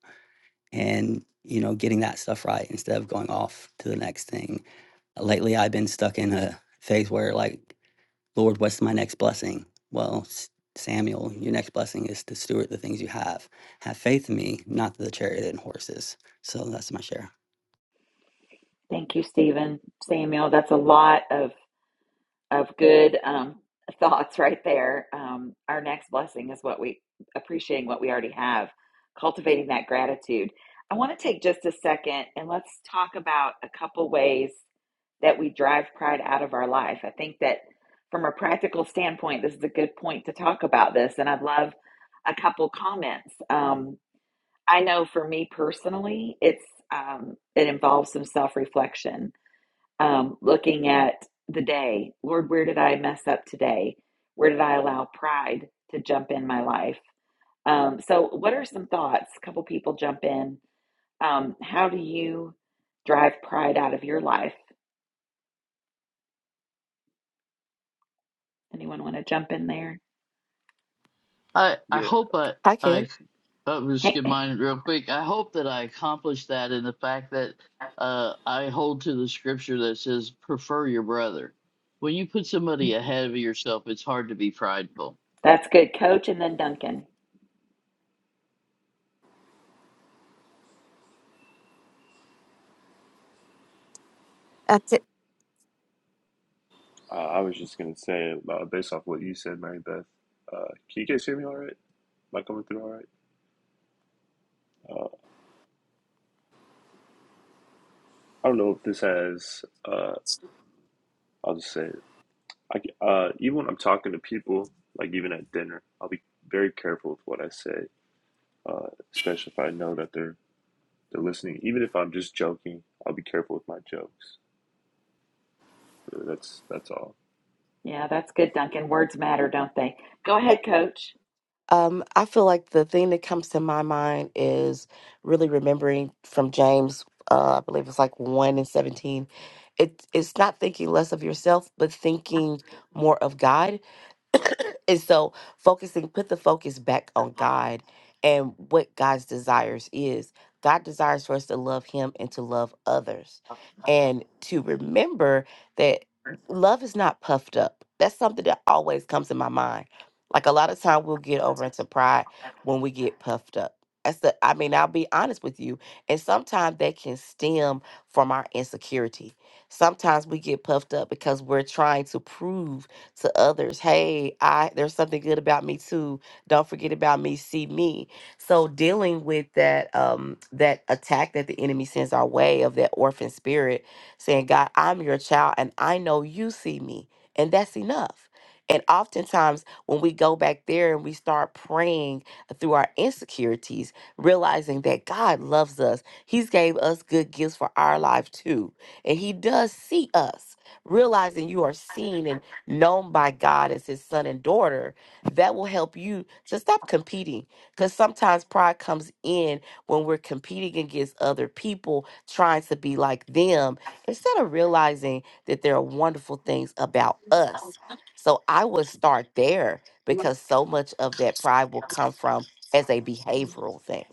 Speaker 7: and you know, getting that stuff right instead of going off to the next thing. Lately, I've been stuck in a phase where, like, Lord, what's my next blessing? Well, Samuel, your next blessing is to steward the things you have. Have faith in me, not the chariot and horses. So that's my share.
Speaker 1: thank you stephen samuel that's a lot of of good um, thoughts right there. Um, our next blessing is what we appreciating what we already have, cultivating that gratitude. I want to take just a second and let's talk about a couple ways that we drive pride out of our life. I think that from a practical standpoint, this is a good point to talk about this, and I'd love a couple comments. Um, I know for me personally, it's um, it involves some self reflection um, looking at the day. Lord, where did I mess up today? Where did I allow pride to jump in my life? Um, so, what are some thoughts? A couple people jump in. Um, how do you drive pride out of your life? Anyone want to jump in there?
Speaker 6: I I
Speaker 8: Yeah,
Speaker 6: hope I
Speaker 4: I can.
Speaker 6: I I'll just
Speaker 1: Hey,
Speaker 6: get mine real quick. I hope that I accomplished that in the fact that uh, I hold to the scripture that says, "Prefer your brother." When you put somebody ahead of yourself, it's hard to be prideful.
Speaker 1: that's good, Coach, and then Duncan.
Speaker 9: That's it.
Speaker 8: uh, I was just gonna say, uh, based off what you said, Mary Beth, uh, can you guys hear me all right? Am I coming through all right? Uh, I don't know if this has. Uh, I'll just say it. I c uh, even when I'm talking to people, like even at dinner, I'll be very careful with what I say, uh, especially if I know that they're they're listening. Even if I'm just joking, I'll be careful with my jokes. Uh, That's that's all.
Speaker 1: Yeah, that's good, Duncan. Words matter, don't they? Go ahead, Coach.
Speaker 4: Um, I feel like the thing that comes to my mind is really remembering from James, uh, I believe it's like 1 and 17. It, it's not thinking less of yourself, but thinking more of God and so focusing, put the focus back on God and what God's desires is. God desires for us to love Him and to love others, and to remember that love is not puffed up. That's something that always comes in my mind. Like a lot of time, we'll get over into pride when we get puffed up. That's the. I mean, I'll be honest with you, and sometimes that can stem from our insecurity. Sometimes we get puffed up because we're trying to prove to others, hey, I there's something good about me too. Don't forget about me, see me. So dealing with that um that attack that the enemy sends our way of that orphan spirit, saying, God, I'm your child and I know you see me. And that's enough. And oftentimes when we go back there and we start praying through our insecurities, realizing that God loves us. He's gave us good gifts for our life too. And he does see us. Realizing you are seen and known by God as his son and daughter, that will help you to stop competing. Because sometimes pride comes in when we're competing against other people, trying to be like them, instead of realizing that there are wonderful things about us. So I would start there because so much of that pride will come from as a behavioral thing.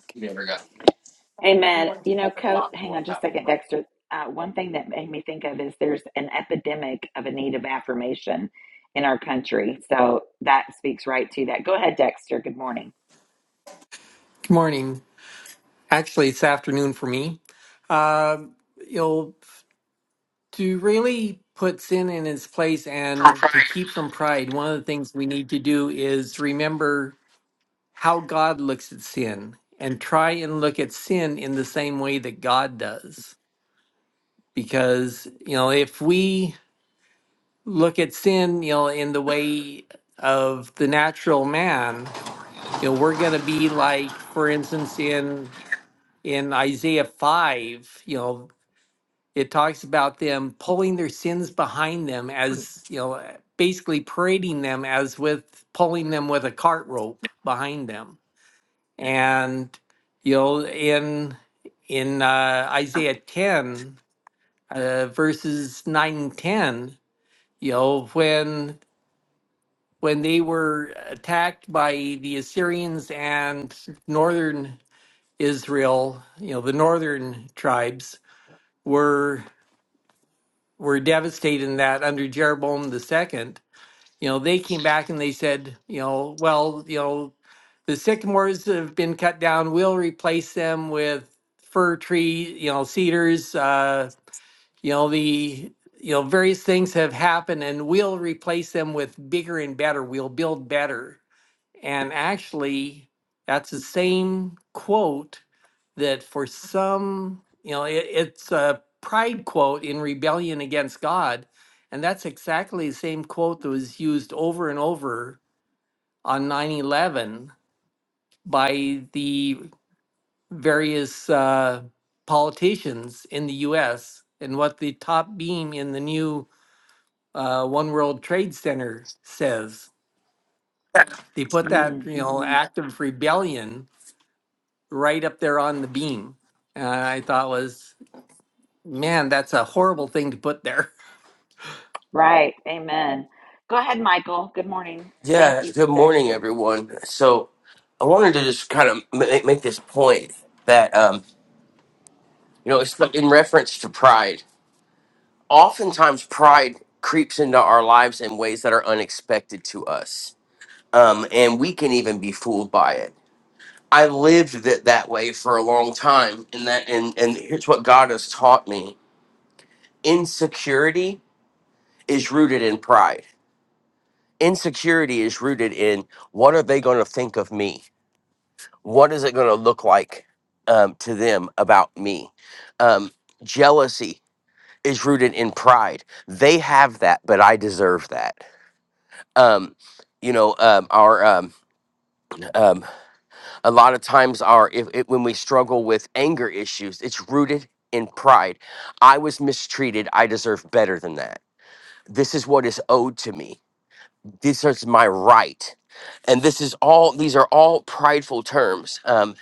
Speaker 1: Amen. You know, Co hang on just a second, Dexter. Uh, one thing that made me think of is there's an epidemic of a need of affirmation in our country. So that speaks right to that. Go ahead, Dexter. Good morning.
Speaker 10: Morning. Actually, it's afternoon for me. Uh, you know, to really put sin in its place and to keep from pride, one of the things we need to do is remember how God looks at sin and try and look at sin in the same way that God does. Because, you know, if we look at sin, you know, in the way of the natural man, you know, we're going to be like, for instance, in in Isaiah 5, you know, It talks about them pulling their sins behind them as, you know, basically parading them as with pulling them with a cart rope behind them. And, you know, in in uh, Isaiah 10, uh, verses 9 and 10, you know, when when they were attacked by the Assyrians and northern Israel, you know, the northern tribes, were were devastated in that under Jeroboam the second, you know, they came back and they said, you know, well, you know, the sycamores have been cut down. We'll replace them with fir tree, you know, cedars. Uh, you know, the you know various things have happened, and we'll replace them with bigger and better. We'll build better and actually, that's the same quote that for some, you know, it, it's a pride quote in rebellion against God. And that's exactly the same quote that was used over and over on 9 11 by the various uh, politicians in the US and what the top beam in the new uh, One World Trade Center says. They put that,
Speaker 1: Mm,
Speaker 10: you know, act of rebellion right up there on the beam. And I thought was, man, that's a horrible thing to put there.
Speaker 1: right. Amen. Go ahead, Michael. Good morning. Thank
Speaker 11: Yeah,
Speaker 1: you,
Speaker 11: good morning,
Speaker 1: Dexter.
Speaker 11: everyone. So, I wanted to just kind of make, make this point that, um, you know, it's like in reference to pride. Oftentimes, pride creeps into our lives in ways that are unexpected to us, um, and we can even be fooled by it. I lived that that way for a long time, and that, and and here's what God has taught me: insecurity is rooted in pride. Insecurity is rooted in what are they going to think of me? what is it going to look like um, to them about me? Um, jealousy is rooted in pride. They have that, but I deserve that. Um, you know, um, our um, um, a lot of times our if, if, when we struggle with anger issues, it's rooted in pride. I was mistreated. I deserve better than that. This is what is owed to me This is my right. And this is all, these are all prideful terms. Um,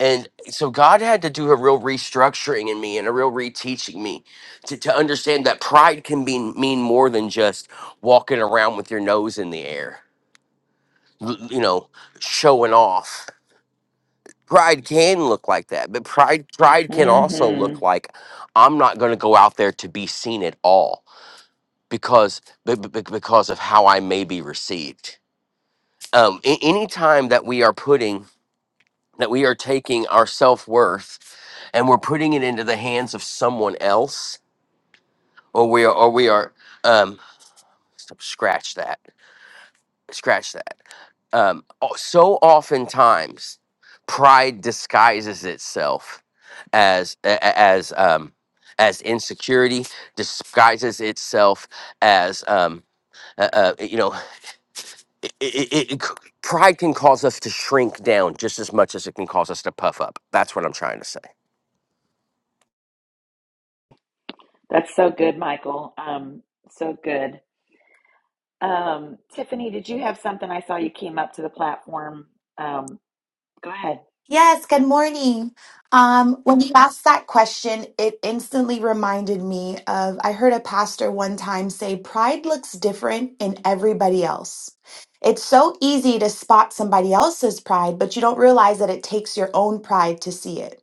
Speaker 11: and so God had to do a real restructuring in me and a real reteaching me to, to understand that pride can be mean more than just walking around with your nose in the air, l- you know, showing off. Pride can look like that, but pride pride can also
Speaker 1: hmm
Speaker 11: look like I'm not going to go out there to be seen at all because be- be- because of how I may be received um, a- any time that we are putting that we are taking our self worth and we're putting it into the hands of someone else, or we are, or we are, um, stop- scratch that, scratch that. Um, o- so oftentimes, pride disguises itself as a- a- as um, as insecurity, disguises itself as um, uh, uh, you know. it, it, it, pride can cause us to shrink down just as much as it can cause us to puff up. That's what I'm trying to say.
Speaker 1: That's so good, Michael. Um, so good. Um, Tiffany, did you have something? I saw you came up to the platform. Um, go ahead.
Speaker 12: Yes, good morning. Um, when you asked that question, it instantly reminded me of I heard a pastor one time say, Pride looks different in everybody else. It's so easy to spot somebody else's pride, but you don't realize that it takes your own pride to see it.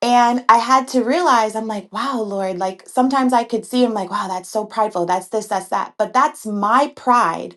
Speaker 12: And I had to realize, I'm like, wow, Lord, like sometimes I could see him like, wow, that's so prideful. That's this, that's that. But that's my pride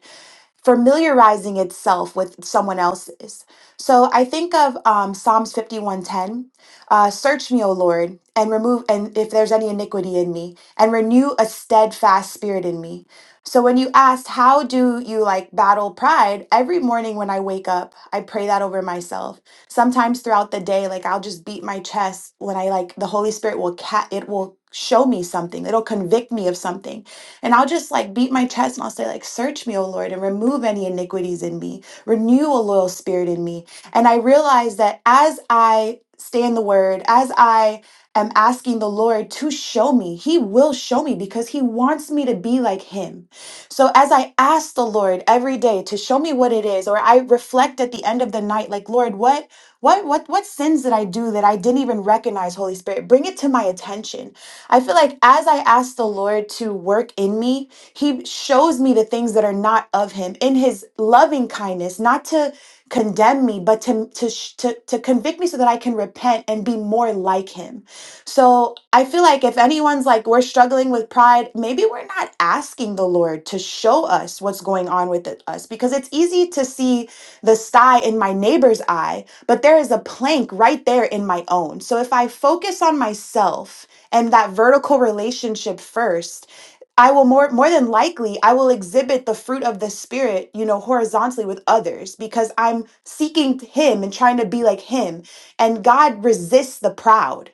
Speaker 12: familiarizing itself with someone else's. So I think of um, Psalms 51:10, uh, search me, O Lord, and remove and if there's any iniquity in me, and renew a steadfast spirit in me. So when you asked how do you like battle pride, every morning when I wake up, I pray that over myself. Sometimes throughout the day, like I'll just beat my chest when I like the Holy Spirit will cat it will show me something. It'll convict me of something and I'll just like beat my chest and I'll say, like, search me, O Lord, and remove any iniquities in me. Renew a loyal spirit in me. And I realize that as I stay in the word, as I am asking the Lord to show me, He will show me because He wants me to be like Him. So as I ask the Lord every day to show me what it is, or I reflect at the end of the night, like, Lord, what what what what sins did I do that I didn't even recognize, Holy Spirit? Bring it to my attention I feel like as I ask the Lord to work in me, He shows me the things that are not of Him in His loving kindness, not to condemn me, but to, to, sh- to, to convict me so that I can repent and be more like Him. So I feel like if anyone's like, we're struggling with pride, maybe we're not asking the Lord to show us what's going on with it- us because it's easy to see the sty in my neighbor's eye, but there is a plank right there in my own. So if I focus on myself, and that vertical relationship first i will more more than likely i will exhibit the fruit of the spirit you know horizontally with others because i'm seeking him and trying to be like him and god resists the proud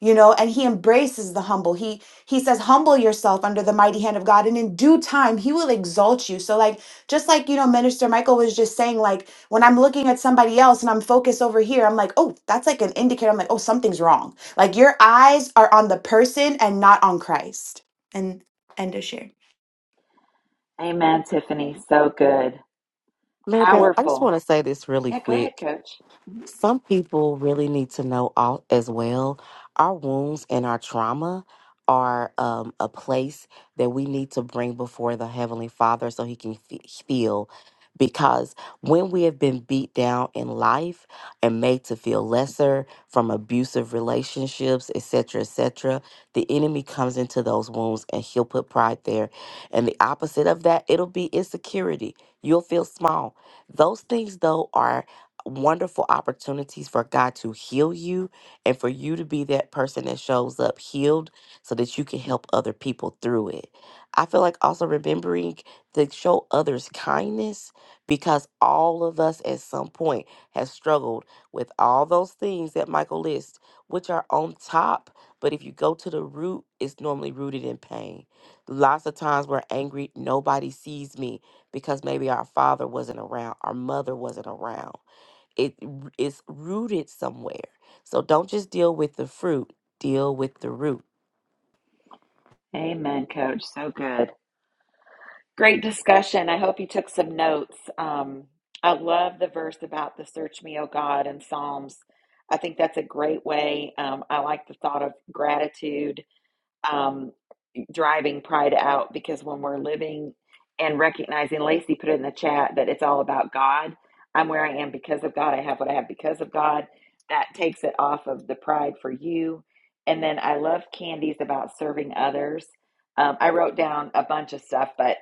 Speaker 12: you know and he embraces the humble he he says humble yourself under the mighty hand of god and in due time he will exalt you so like just like you know minister michael was just saying like when i'm looking at somebody else and i'm focused over here i'm like oh that's like an indicator i'm like oh something's wrong like your eyes are on the person and not on Christ. And end of share.
Speaker 1: Amen, Tiffany. So good.
Speaker 4: Mary Beth, I just
Speaker 1: Powerful.
Speaker 4: want to say this really
Speaker 1: Yeah, go
Speaker 4: quick.
Speaker 1: ahead, coach. Mhm.
Speaker 4: Some people really need to know all as well. Our wounds and our trauma are um, a place that we need to bring before the Heavenly Father so He can fe- feel. Because when we have been beat down in life and made to feel lesser from abusive relationships, etc., etc., the enemy comes into those wounds and he'll put pride there. And the opposite of that, it'll be insecurity. You'll feel small. Those things, though, are wonderful opportunities for God to heal you and for you to be that person that shows up healed so that you can help other people through it. I feel like also remembering to show others kindness because all of us at some point has struggled with all those things that Michael lists, which are on top. But if you go to the root, it's normally rooted in pain. Lots of times we're angry, nobody sees me because maybe our father wasn't around, our mother wasn't around it r- it's rooted somewhere. So don't just deal with the fruit, deal with the root.
Speaker 1: Amen, coach. So good. Great discussion. I hope you took some notes. Um, I love the verse about the search me, O God, in Psalms. I think that's a great way. Um, I like the thought of gratitude. Um, driving pride out because when we're living and recognizing, Lacey put it in the chat that it's all about God. I'm where I am because of God. I have what I have because of God. That takes it off of the pride for you. And then I love Candy's about serving others. Um, I wrote down a bunch of stuff, but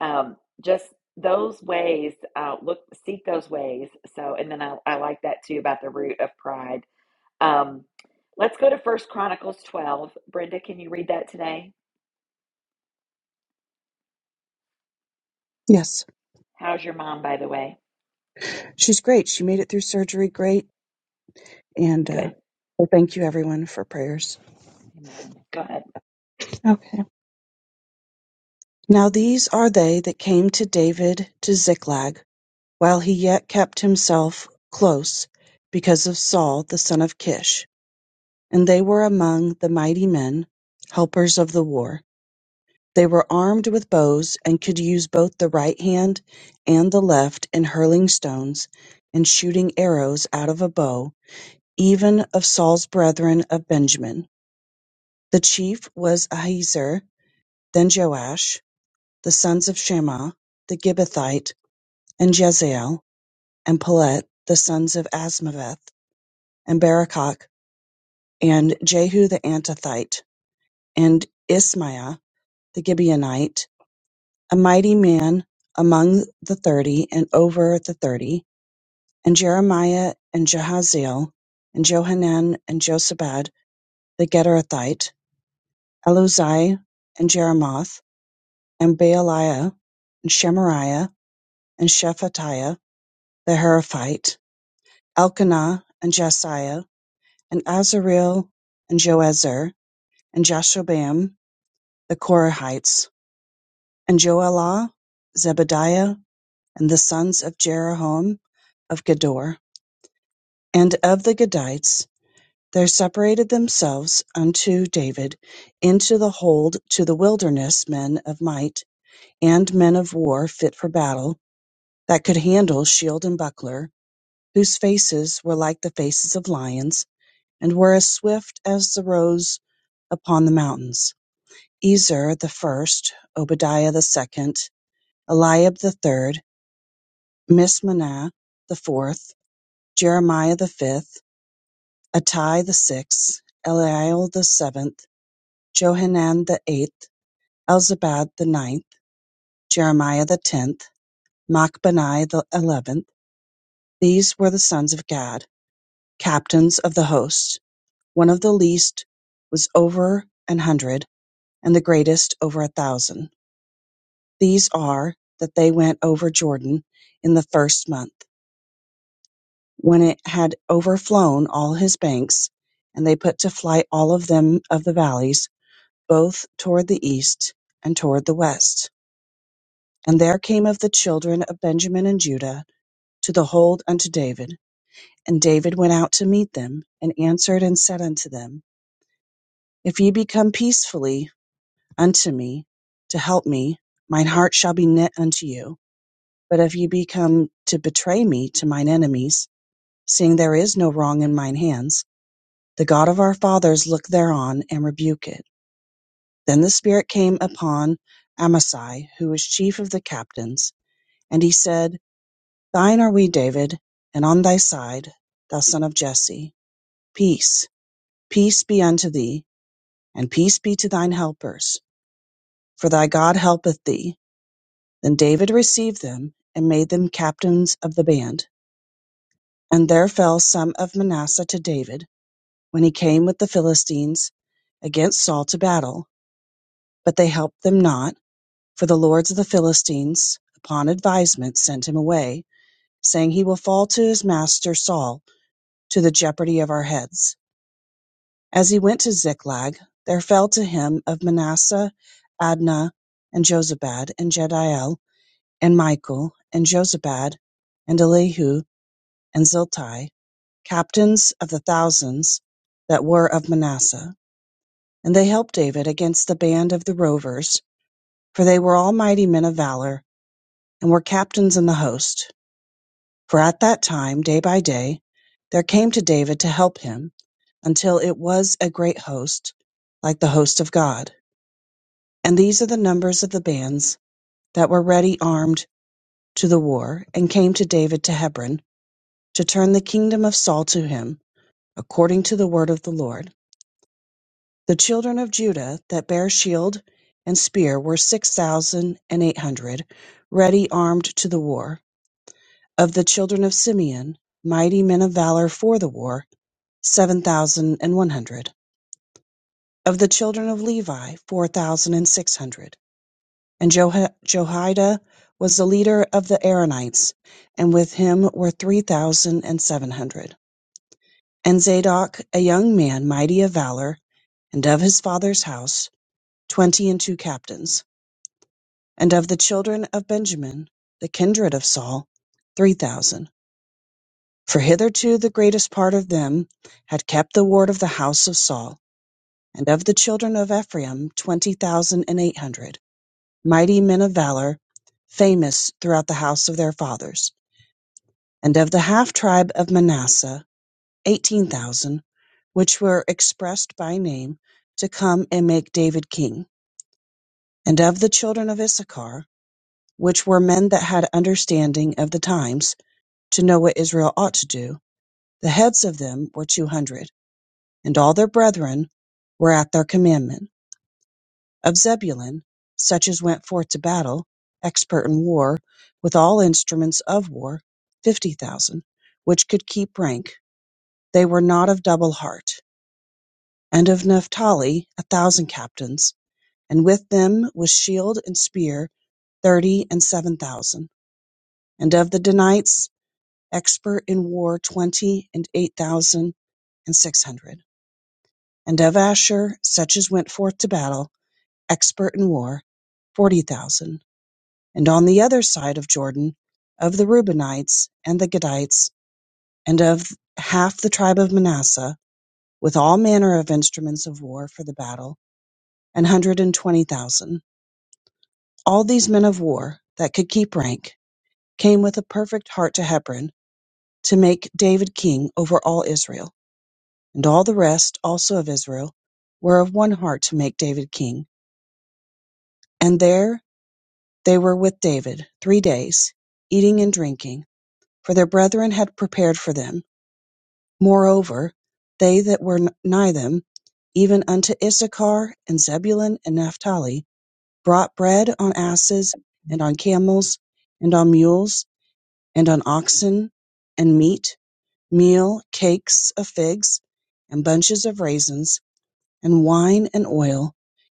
Speaker 1: um, just those ways, uh, look, seek those ways. So, and then I, I like that too about the root of pride. Um, let's go to First Chronicles 12. Brenda, can you read that today?
Speaker 13: Yes,
Speaker 1: How's your mom, by the way?
Speaker 13: she's great. She made it through surgery great. And uh,
Speaker 1: Good.
Speaker 13: well, thank you, everyone, for prayers.
Speaker 1: Amen. Go ahead.
Speaker 13: Okay. Now, these are they that came to David to Ziklag while he yet kept himself close because of Saul, the son of Kish. And they were among the mighty men, helpers of the war. They were armed with bows and could use both the right hand and the left in hurling stones and shooting arrows out of a bow, even of Saul's brethren of Benjamin. The chief was Ahiezer, then Joash, the sons of Shammah the Gibbethite, and Jezael, and Pelet, the sons of Asmaveth, and Barakach, and Jehu the Antothite, and Ismaiah the Gibeonite, a mighty man among the thirty, and over the thirty, and Jeremiah, and Jahaziel, and Johanan, and Josabad the Gederathite, Eluzai, and Jeremoth, and Baaliah, and Shemariah, and Shephatiah the Heraphite, Elkanah, and Jasiah, and Azareel, and Joezer, and Jashobam, the Korahites, and Joelah, Zebadiah, and the sons of Jeroham of Gedor And of the Gadites there separated themselves unto David into the hold to the wilderness men of might, and men of war fit for battle, that could handle shield and buckler, whose faces were like the faces of lions, and were as swift as the roes upon the mountains. Ezer the first, Obadiah the second, Eliab the third, Mismanah the fourth, Jeremiah the fifth, Attai the sixth, Eliel the seventh, Johanan the eighth, Elzabad the ninth, Jeremiah the tenth, Machbani the eleventh, these were the sons of Gad, captains of the host: one of the least was over an hundred, and the greatest over a thousand. These are, that they went over Jordan in the first month, when it had overflown all his banks, and they put to flight all of them of the valleys, both toward the east, and toward the west. And there came of the children of Benjamin and Judah to the hold unto David. And David went out to meet them, and answered and said unto them, If ye be come peacefully unto me to help me, mine heart shall be knit unto you. But if ye be come to betray me to mine enemies, seeing there is no wrong in mine hands, the God of our fathers look thereon and rebuke it. Then the Spirit came upon Amasai, who was chief of the captains, And he said, Thine are we, David, and on thy side, thou son of Jesse. Peace, peace be unto thee, and peace be to thine helpers, for thy God helpeth thee. Then David received them, and made them captains of the band. And there fell some of Manasseh to David, when he came with the Philistines against Saul to battle. But they helped them not, for the lords of the Philistines, upon advisement, sent him away, saying, He will fall to his master Saul to the jeopardy of our heads. As he went to Ziklag, there fell to him of Manasseh, Adnah, and Jozabad, and Jediel, and Michael, and Jozabad, and Elihu, and Ziltai, captains of the thousands that were of Manasseh. And they helped David against the band of the rovers, for they were all mighty men of valor, and were captains in the host. For at that time, day by day, there came to David to help him, until it was a great host, like the host of God. And these are the numbers of the bands that were ready armed to the war, and came to David to Hebron, to turn the kingdom of Saul to him, according to the word of the Lord. The children of Judah that bare shield and spear were six thousand and eight hundred, ready armed to the war. Of the children of Simeon, mighty men of valor for the war, seven thousand and one hundred; of the children of Levi four thousand and six hundred. And Jeho- Joiada was the leader of the Aaronites, and with him were three thousand and seven hundred. And Zadok, a young man mighty of valor, and of his father's house, twenty and two captains. And of the children of Benjamin, the kindred of Saul, three thousand. For hitherto the greatest part of them had kept the ward of the house of Saul And of the children of Ephraim twenty thousand and eight hundred, mighty men of valor, famous throughout the house of their fathers. And of the half tribe of Manasseh eighteen thousand, which were expressed by name, to come and make David king. And of the children of Issachar, which were men that had understanding of the times, to know what Israel ought to do, the heads of them were two hundred, and all their brethren were at their commandment of Zebulun, such as went forth to battle, expert in war, with all instruments of war, fifty thousand, which could keep rank: they were not of double heart. And of Naphtali a thousand captains, and with them with shield and spear thirty and seven thousand. And of the Danites, expert in war, twenty and eight thousand and six hundred. And of Asher, such as went forth to battle, expert in war, forty thousand and on the other side of Jordan, of the Reubenites and the Gadites, and of half the tribe of Manasseh, with all manner of instruments of war for the battle, an hundred and twenty thousand. All these men of war that could keep rank came with a perfect heart to Hebron to make David king over all Israel. And all the rest also of Israel were of one heart to make David king. And there they were with David three days, eating and drinking, for their brethren had prepared for them Moreover they that were nigh them, even unto Issachar, and Zebulun, and Naphtali, brought bread on asses, and on camels, and on mules, and on oxen, and meat, meal, cakes of figs, and bunches of raisins, and wine, and oil,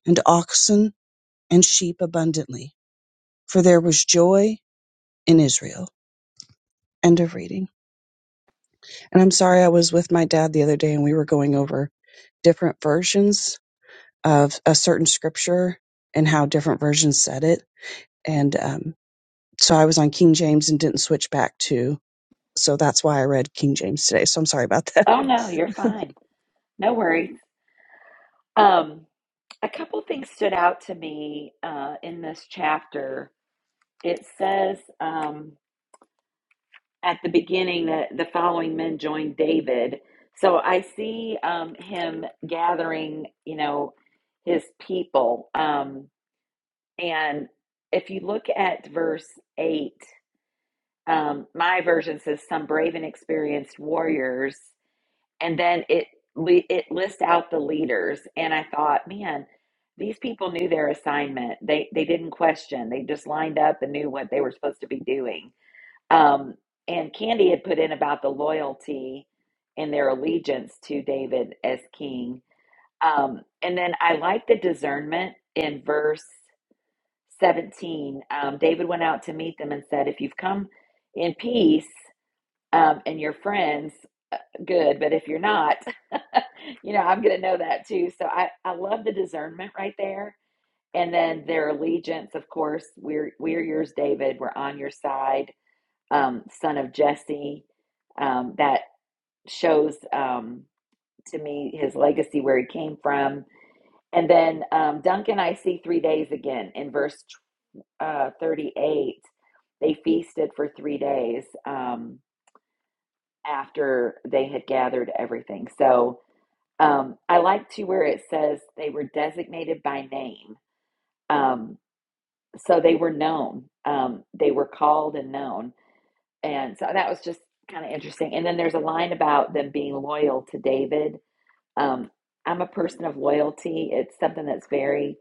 Speaker 13: and oxen, and sheep abundantly. For there was joy in Israel. End of reading. And I'm sorry I was with my dad the other day and we were going over different versions of a certain scripture and how different versions said it. And um, so I was on King James and didn't switch back to. So that's why I read King James today. So I'm sorry about
Speaker 1: Oh no, you're
Speaker 13: that.
Speaker 1: fine. No worries. Um, a couple things stood out to me uh, in this chapter. It says um, at the beginning that the following men joined David. So I see um, him gathering, you know, his people. Um, and if you look at verse eight, um, my version says some brave and experienced warriors and then it li- it lists out the leaders and i thought man these people knew their assignment they they didn't question they just lined up and knew what they were supposed to be doing um and candy had put in about the loyalty and their allegiance to david as king um and then i like the discernment in verse 17 um, david went out to meet them and said if you've come in peace um, and your friends, uh, good. But if you're not, you know, I'm going to know that too. So I, I love the discernment right there. And then their allegiance, of course, we're, we're yours, David. We're on your side, um, son of Jesse. Um, that shows um, to me his legacy, where he came from. And then um, Duncan, I see three days again in verse uh, 38. They feasted for three days. Um, after they had gathered everything. So um, I like to where it says they were designated by name. Um, so they were known, um, they were called and known. And so that was just kind of interesting. And then there's a line about them being loyal to David. Um, I'm a person of loyalty, it's something that's very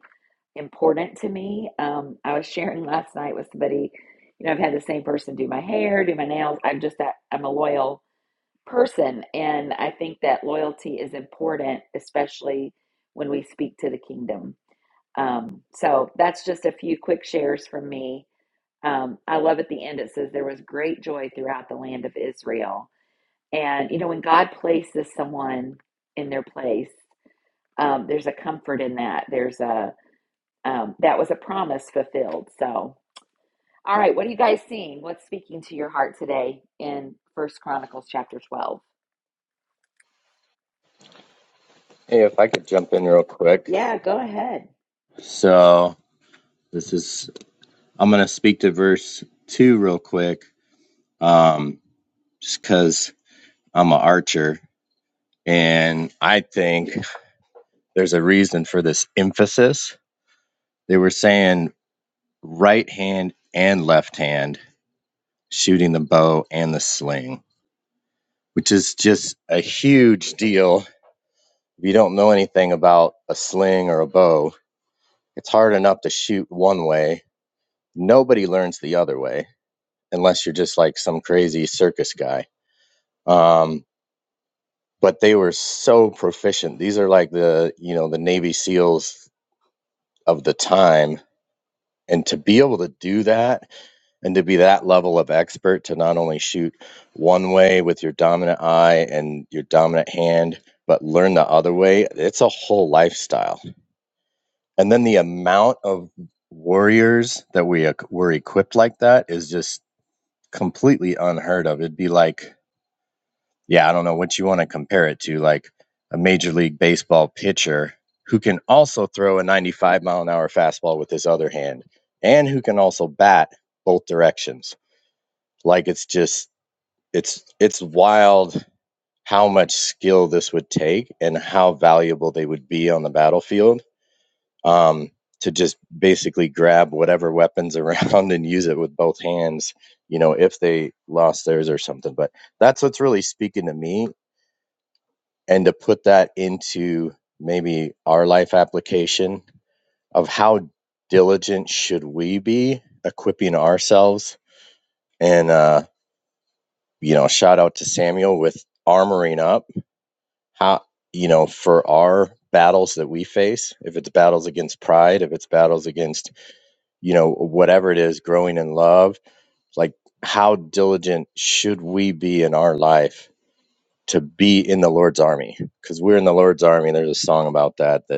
Speaker 1: important to me. Um, I was sharing last night with somebody. You know, I've had the same person do my hair, do my nails. I'm just that I'm a loyal person. And I think that loyalty is important, especially when we speak to the kingdom. Um, so that's just a few quick shares from me. Um, I love at the end it says there was great joy throughout the land of Israel. And, you know, when God places someone in their place, um, there's a comfort in that. There's a, um, that was a promise fulfilled. So, all right, what are you guys seeing? What's speaking to your heart today in First Chronicles chapter 12?
Speaker 14: Hey, if I could jump in real quick.
Speaker 1: Yeah, go ahead.
Speaker 14: So this is I'm gonna speak to verse two real quick, um, just because I'm an archer and I think there's a reason for this emphasis. They were saying right hand and left hand shooting the bow and the sling, which is just a huge deal. If you don't know anything about a sling or a bow, it's hard enough to shoot one way. Nobody learns the other way unless you're just like some crazy circus guy. Um, but they were so proficient. These are like the you know the Navy SEALs of the time, and to be able to do that and to be that level of expert to not only shoot one way with your dominant eye and your dominant hand, but learn the other way. It's a whole lifestyle, and then the amount of warriors that we uh, were equipped like that is just completely unheard of. It'd be like yeah, I don't know what you want to compare it to, like a major league baseball pitcher who can also throw a 95 mile an hour fastball with his other hand and who can also bat both directions. Like it's just it's it's wild how much skill this would take and how valuable they would be on the battlefield um, to just basically grab whatever weapons around and use it with both hands you know if they lost theirs or something but that's what's really speaking to me and to put that into maybe our life application of how diligent should we be equipping ourselves and uh you know shout out to samuel with armoring up how you know for our battles that we face if it's battles against pride if it's battles against you know whatever it is growing in love like how diligent should we be in our life to be in the lord's army because we're in the lord's army there's a song about that that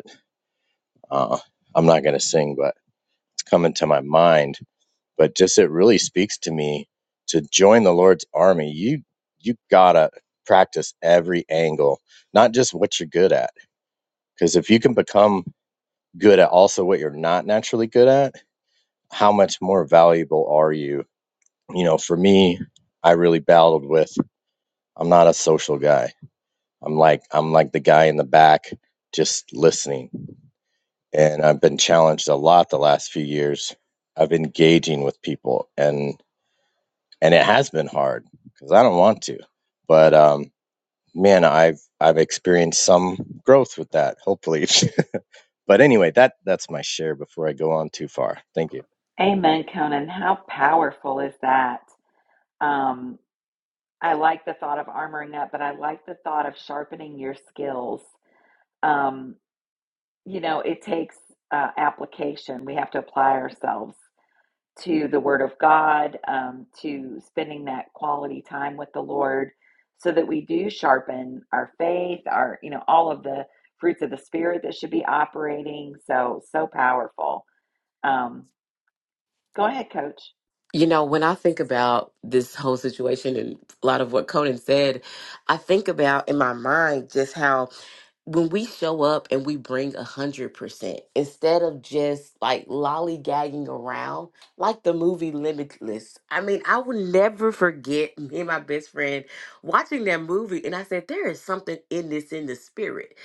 Speaker 14: Uh, I'm not going to sing, but it's coming to my mind. But just it really speaks to me to join the Lord's army. You you gotta practice every angle, not just what you're good at. Because if you can become good at also what you're not naturally good at, how much more valuable are you? You know, for me, I really battled with. I'm not a social guy. I'm like I'm like the guy in the back just listening. and I've been challenged a lot the last few years of engaging with people, and and it has been hard because I don't want to, but um, man, I've I've experienced some growth with that, hopefully. but anyway, that that's my share before I go on too far. Thank you.
Speaker 1: Amen, Conan. How powerful is that? Um, I like the thought of armoring up, but I like the thought of sharpening your skills. Um, you know, it takes uh, application. We have to apply ourselves to the Word of God, um, to spending that quality time with the Lord, so that we do sharpen our faith, our, you know, all of the fruits of the Spirit that should be operating. So, so powerful. Um, go ahead, Coach.
Speaker 4: You know, when I think about this whole situation and a lot of what Conan said, I think about in my mind just how when we show up and we bring a hundred percent instead of just like lollygagging around like the movie limitless i mean i will never forget me and my best friend watching that movie and i said there is something in this in the spirit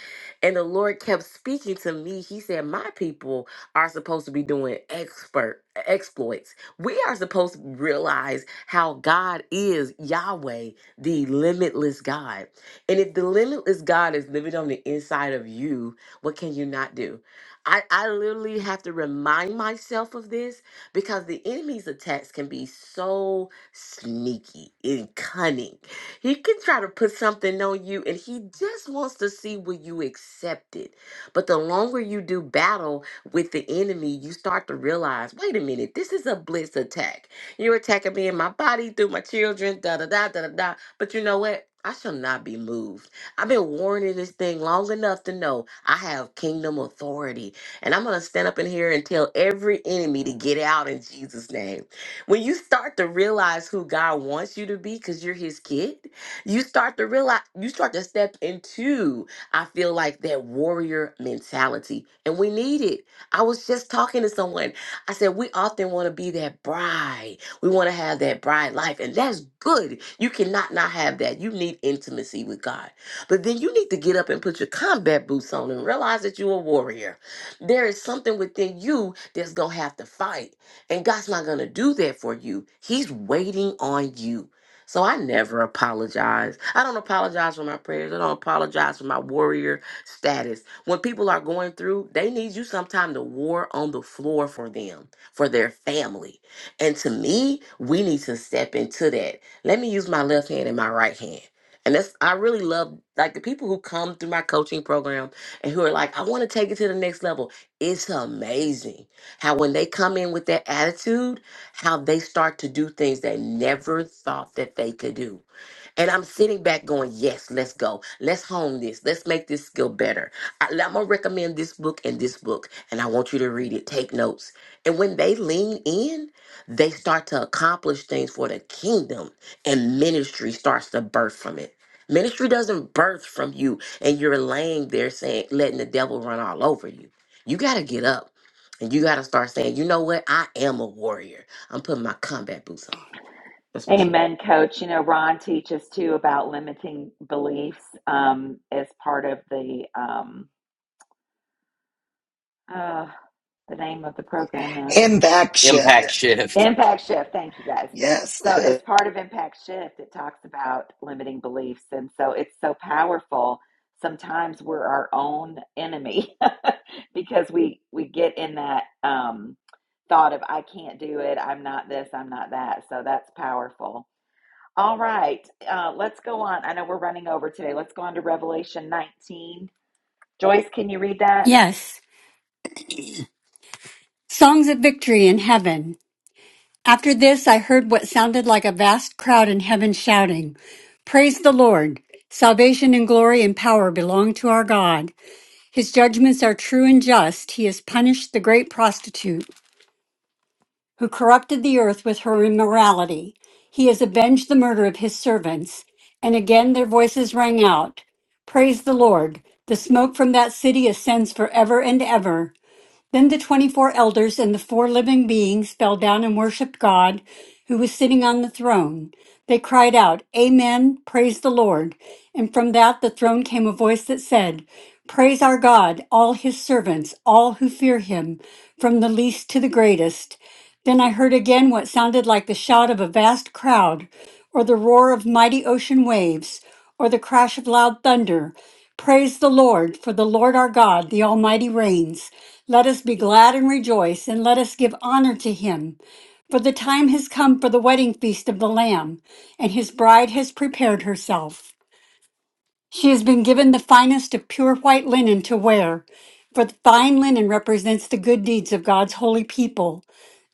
Speaker 4: and the lord kept speaking to me he said my people are supposed to be doing expert exploits we are supposed to realize how god is yahweh the limitless god and if the limitless God is living on the inside of you, what can you not do? I, I literally have to remind myself of this because the enemy's attacks can be so sneaky and cunning. He can try to put something on you and he just wants to see will you accept it. But the longer you do battle with the enemy, you start to realize wait a minute, this is a blitz attack you're attacking me in my body through my children, da da da da da da. But you know what? I shall not be moved. I've been warning this thing long enough to know I have kingdom authority. And I'm going to stand up in here and tell every enemy to get out in Jesus' name. When you start to realize who God wants you to be because you're his kid, you start to realize, you start to step into, I feel like that warrior mentality. And we need it. I was just talking to someone. I said, we often want to be that bride. We want to have that bride life, and that's good. You cannot not have that. You need intimacy with God. But then you need to get up and put your combat boots on and realize that you're a warrior. There is something within you that's going to have to fight. And God's not going to do that for you. He's waiting on you. So I never apologize. I don't apologize for my prayers. I don't apologize for my warrior status. When people are going through, they need you sometime to war on the floor for them, for their family and to me, we need to step into that. Let me use my left hand and my right hand. And that's I really love like the people who come through my coaching program and who are like, I want to take it to the next level. It's amazing how when they come in with that attitude, how they start to do things they never thought that they could do. And I'm sitting back going, yes, let's go. Let's hone this. Let's make this skill better. I, am going to recommend this book and this book, and I want you to read it. Take notes. And when they lean in, they start to accomplish things for the kingdom, and ministry starts to birth from it. Ministry doesn't birth from you, and you're laying there saying, letting the devil run all over you. You got to get up and you got to start saying, you know what? I am a warrior. I'm putting my combat boots on. That's my shit.
Speaker 1: Amen, coach. You know, Ron teaches too about limiting beliefs um, as part of the um, uh, the name of the program now.
Speaker 2: And back shift.
Speaker 11: Impact Yeah. shift.
Speaker 1: Impact Shift. Thank you guys.
Speaker 2: Yes.
Speaker 1: So, as part of Impact Shift, it talks about limiting beliefs. And so it's so powerful. Sometimes we're our own enemy because we, we get in that um, thought of, I can't do it. I'm not this. I'm not that. So, that's powerful. All right, uh, let's go on. I know we're running over today. Let's go on to Revelation 19. Joyce, can you read that?
Speaker 15: Yes, songs of victory in heaven. After this, I heard what sounded like a vast crowd in heaven shouting, Praise the Lord! Salvation and glory and power belong to our God. His judgments are true and just. He has punished the great prostitute who corrupted the earth with her immorality. He has avenged the murder of his servants. And again their voices rang out, Praise the Lord! The smoke from that city ascends forever and ever. Then the 24 elders and the four living beings fell down and worshiped God, who was sitting on the throne. They cried out, Amen, praise the Lord. And from that the throne came a voice that said, Praise our God, all his servants, all who fear him, from the least to the greatest. Then I heard again what sounded like the shout of a vast crowd, or the roar of mighty ocean waves, or the crash of loud thunder. Praise the Lord, for the Lord our God, the Almighty reigns. Let us be glad and rejoice, and let us give honor to him. For the time has come for the wedding feast of the Lamb, and his bride has prepared herself. She has been given the finest of pure white linen to wear, for the fine linen represents the good deeds of God's holy people.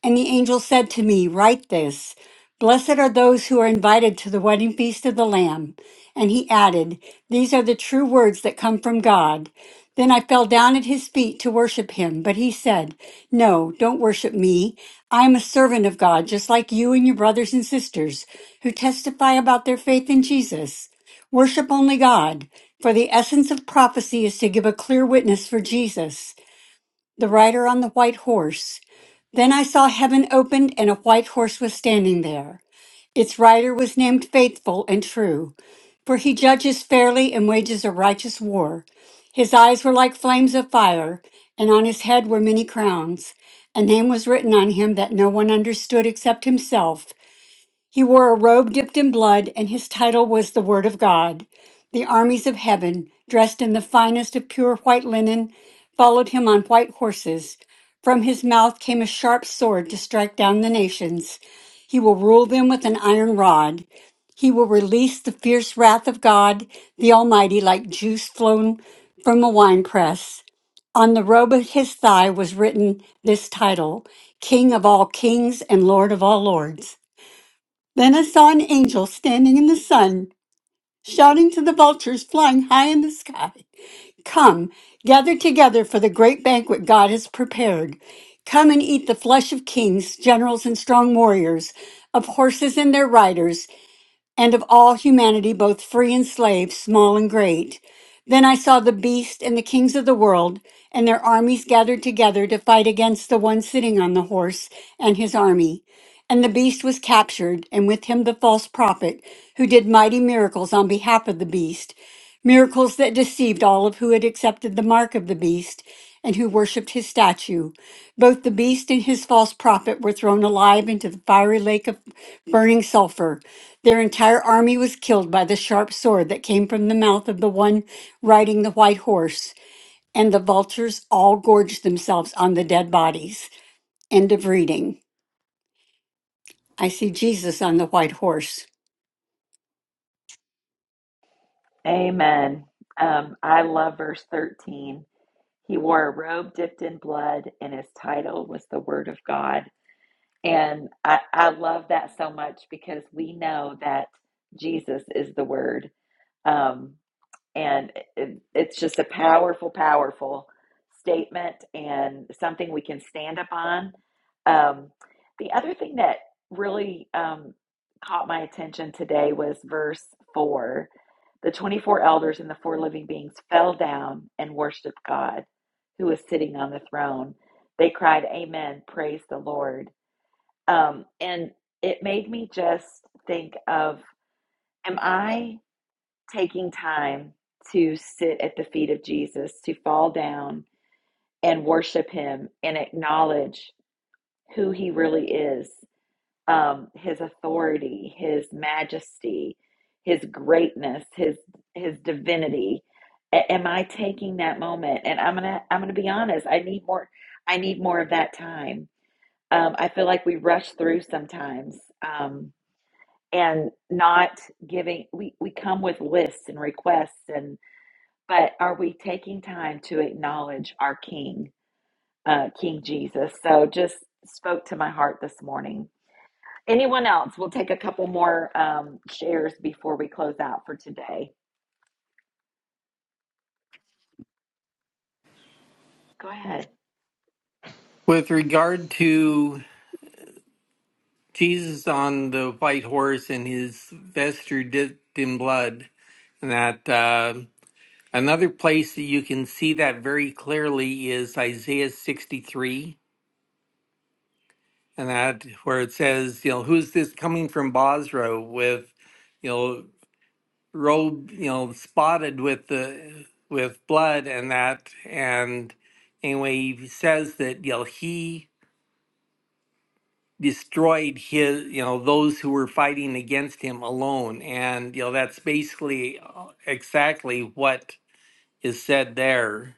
Speaker 15: And the angel said to me, Write this Blessed are those who are invited to the wedding feast of the Lamb. And he added, These are the true words that come from God. Then I fell down at his feet to worship him, but he said, No, don't worship me. I am a servant of God, just like you and your brothers and sisters who testify about their faith in Jesus. Worship only God, for the essence of prophecy is to give a clear witness for Jesus, the rider on the white horse. Then I saw heaven opened, and a white horse was standing there. Its rider was named Faithful and True, for he judges fairly and wages a righteous war. His eyes were like flames of fire, and on his head were many crowns. A name was written on him that no one understood except himself. He wore a robe dipped in blood, and his title was the Word of God. The armies of heaven, dressed in the finest of pure white linen, followed him on white horses. From his mouth came a sharp sword to strike down the nations. He will rule them with an iron rod. He will release the fierce wrath of God, the Almighty, like juice flown from a winepress. On the robe of his thigh was written this title King of all kings and Lord of all lords. Then I saw an angel standing in the sun, shouting to the vultures flying high in the sky Come, gather together for the great banquet God has prepared. Come and eat the flesh of kings, generals, and strong warriors, of horses and their riders and of all humanity, both free and slave, small and great. Then I saw the beast and the kings of the world and their armies gathered together to fight against the one sitting on the horse and his army. And the beast was captured, and with him the false prophet, who did mighty miracles on behalf of the beast, miracles that deceived all of who had accepted the mark of the beast and who worshipped his statue. Both the beast and his false prophet were thrown alive into the fiery lake of burning sulfur. Their entire army was killed by the sharp sword that came from the mouth of the one riding the white horse, and the vultures all gorged themselves on the dead bodies. End of reading. I see Jesus on the white horse.
Speaker 1: Amen. Um, I love verse 13. He wore a robe dipped in blood, and his title was the Word of God. And I, I love that so much because we know that Jesus is the Word. Um, And it, it's just a powerful, powerful statement and something we can stand up on. Um, the other thing that really um, caught my attention today was verse 4. The 24 elders and the four living beings fell down and worshiped God who was sitting on the throne. They cried, Amen, praise the Lord. Um, and it made me just think of, am I taking time to sit at the feet of Jesus, to fall down and worship Him and acknowledge who He really is, um, His authority, His majesty, His greatness, His His divinity. A- am I taking that moment? And I'm gonna I'm gonna be honest. I need more. I need more of that time. Um, I feel like we rush through sometimes. Um, and not giving we, we come with lists and requests and but are we taking time to acknowledge our King, uh, King Jesus? So just spoke to my heart this morning. Anyone else? We'll take a couple more um, shares before we close out for today. Go ahead.
Speaker 10: With regard to Jesus on the white horse and his vesture dipped in blood, that uh, another place that you can see that very clearly is Isaiah 63, and that where it says, you know, who's this coming from Bosra with, you know, robe, you know, spotted with the with blood and that. And anyway, he says that you know he destroyed his you know those who were fighting against him alone, and you know that's basically uh, exactly what is said there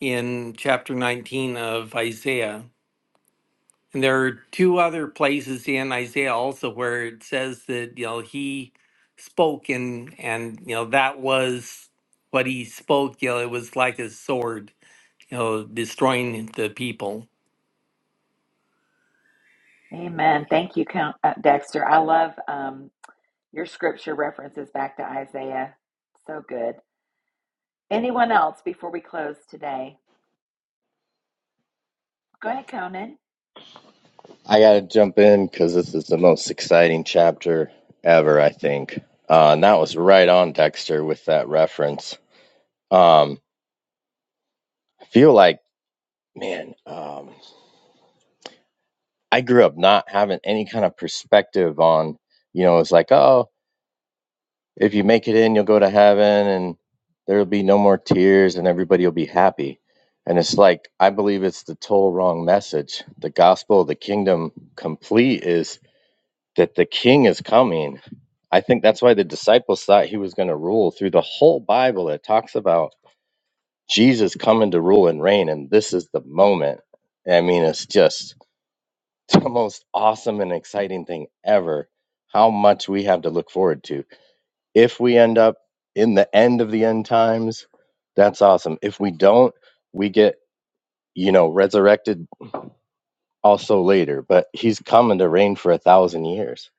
Speaker 10: in chapter 19 of Isaiah. And there are two other places in Isaiah also where it says that, you know, he spoke and, and, you know, that was what he spoke. You know, it was like a sword, you know, destroying the people.
Speaker 1: Amen. Thank you, Count uh, Dexter. I love um, your scripture references back to Isaiah. So good. Anyone else before we close today? Go ahead, Conan.
Speaker 14: I got to jump in because this is the most exciting chapter ever, I think. Uh, and that was right on Dexter with that reference. Um, I feel like man. Um, I grew up not having any kind of perspective on, you know, it's like, oh, if you make it in, you'll go to heaven and there'll be no more tears and everybody will be happy. And it's like, I believe it's the total wrong message. The gospel of the kingdom complete is that the king is coming. I think that's why the disciples thought he was going to rule through the whole Bible. It talks about Jesus coming to rule and reign, and this is the moment. I mean, it's just the most awesome and exciting thing ever. How much we have to look forward to. If we end up in the end of the end times, that's awesome. If we don't, we get, you know, resurrected also later. But he's coming to reign for a thousand years,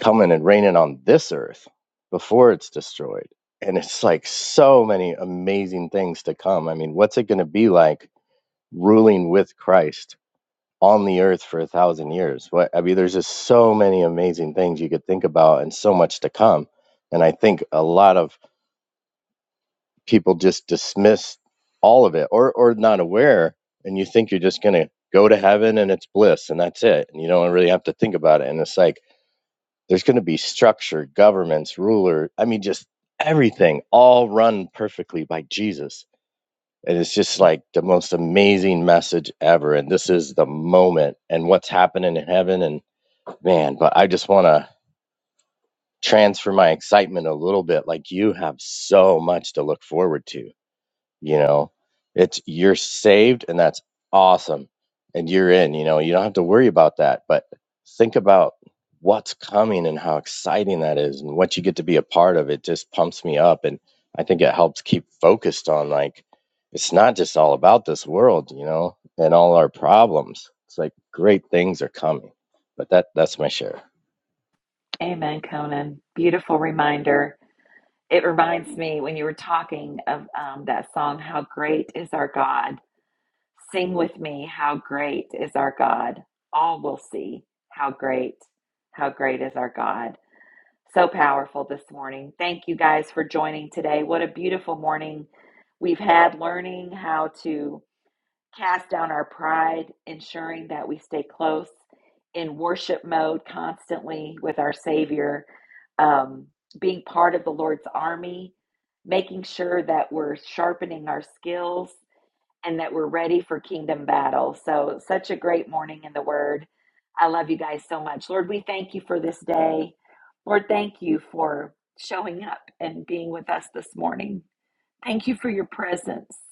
Speaker 14: coming and reigning on this earth before it's destroyed. And it's like so many amazing things to come. I mean, what's it going to be like ruling with Christ? on the earth for a thousand years. What I mean, there's just so many amazing things you could think about and so much to come. And I think a lot of people just dismiss all of it or or not aware and you think you're just gonna go to heaven and it's bliss and that's it. And you don't really have to think about it. And it's like there's gonna be structure, governments, ruler, I mean just everything all run perfectly by Jesus. And it's just like the most amazing message ever. And this is the moment and what's happening in heaven and Man, but I just want to transfer my excitement a little bit. Like you have so much to look forward to, you know. It's you're saved and that's awesome. And you're in, you know. You don't have to worry about that, but think about what's coming and how exciting that is and what you get to be a part of. It just pumps me up and I think it helps keep focused on like it's not just all about this world, you know, and all our problems. It's like great things are coming. But that that's my share.
Speaker 1: Amen, Conan. Beautiful reminder. It reminds me when you were talking of um, that song, How Great is Our God. Sing with me, How Great is Our God. All will see how great, how great is our God. So powerful this morning. Thank you guys for joining today. What a beautiful morning we've had learning how to cast down our pride, ensuring that we stay close in worship mode constantly with our Savior, um, being part of the Lord's army, making sure that we're sharpening our skills and that we're ready for kingdom battle. So, such a great morning in the Word. I love you guys so much. Lord, we thank you for this day. Lord, thank you for showing up and being with us this morning. Thank you for your presence.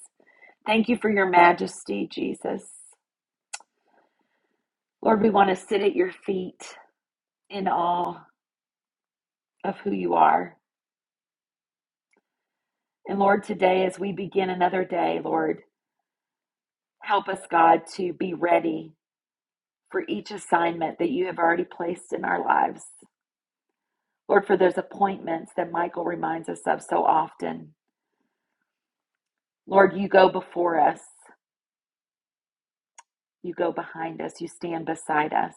Speaker 1: Thank you for your majesty, Jesus. Lord, we want to sit at your feet in awe of who you are. And Lord, today as we begin another day, Lord, help us, God, to be ready for each assignment that you have already placed in our lives. Lord, for those appointments that Michael reminds us of so often. Lord, you go before us, you go behind us, you stand beside us.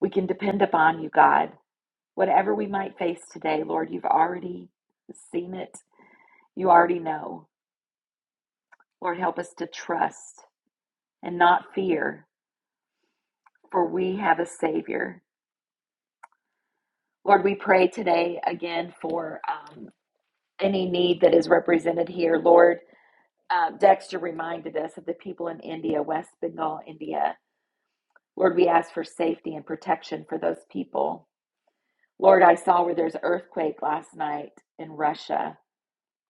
Speaker 1: We can depend upon you, God. Whatever we might face today, Lord, you've already seen it You already know. Lord, help us to trust and not fear, for we have a Savior. Lord, we pray today again for um, any need that is represented here. Lord, uh, Dexter reminded us of the people in India, West Bengal, India. Lord, we ask for safety and protection for those people. Lord, I saw where there's an earthquake last night in Russia,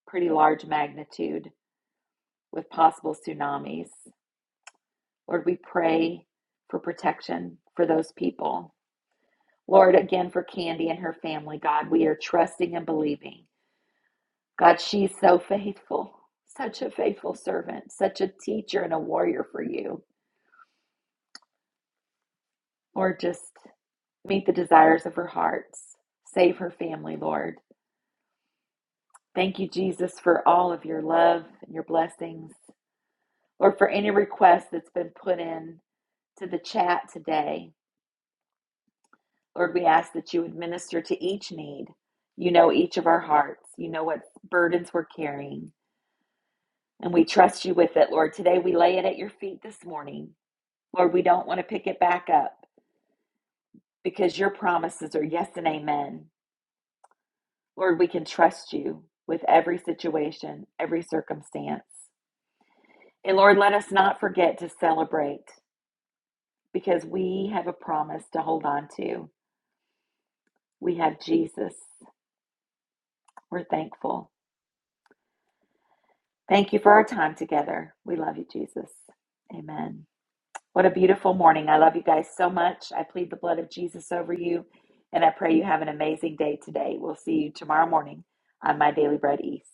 Speaker 1: pretty large magnitude with possible tsunamis. Lord, we pray for protection for those people. Lord, again for Candy and her family, God, we are trusting and believing. God, she's so faithful, such a faithful servant, such a teacher and a warrior for you. Lord, just meet the desires of her hearts. Save her family, Lord. Thank you, Jesus, for all of your love and your blessings. Lord, for any request that's been put in to the chat today, Lord, we ask that you would minister to each need. You know each of our hearts. You know what burdens we're carrying. And we trust you with it, Lord. Today we lay it at your feet this morning. Lord, we don't want to pick it back up because your promises are yes and amen. Lord, we can trust you with every situation, every circumstance. And Lord, let us not forget to celebrate because we have a promise to hold on to. We have Jesus. We're thankful. Thank you for our time together. We love you, Jesus. Amen. What a beautiful morning. I love you guys so much. I plead the blood of Jesus over you, and I pray you have an amazing day today. We'll see you tomorrow morning on My Daily Bread East.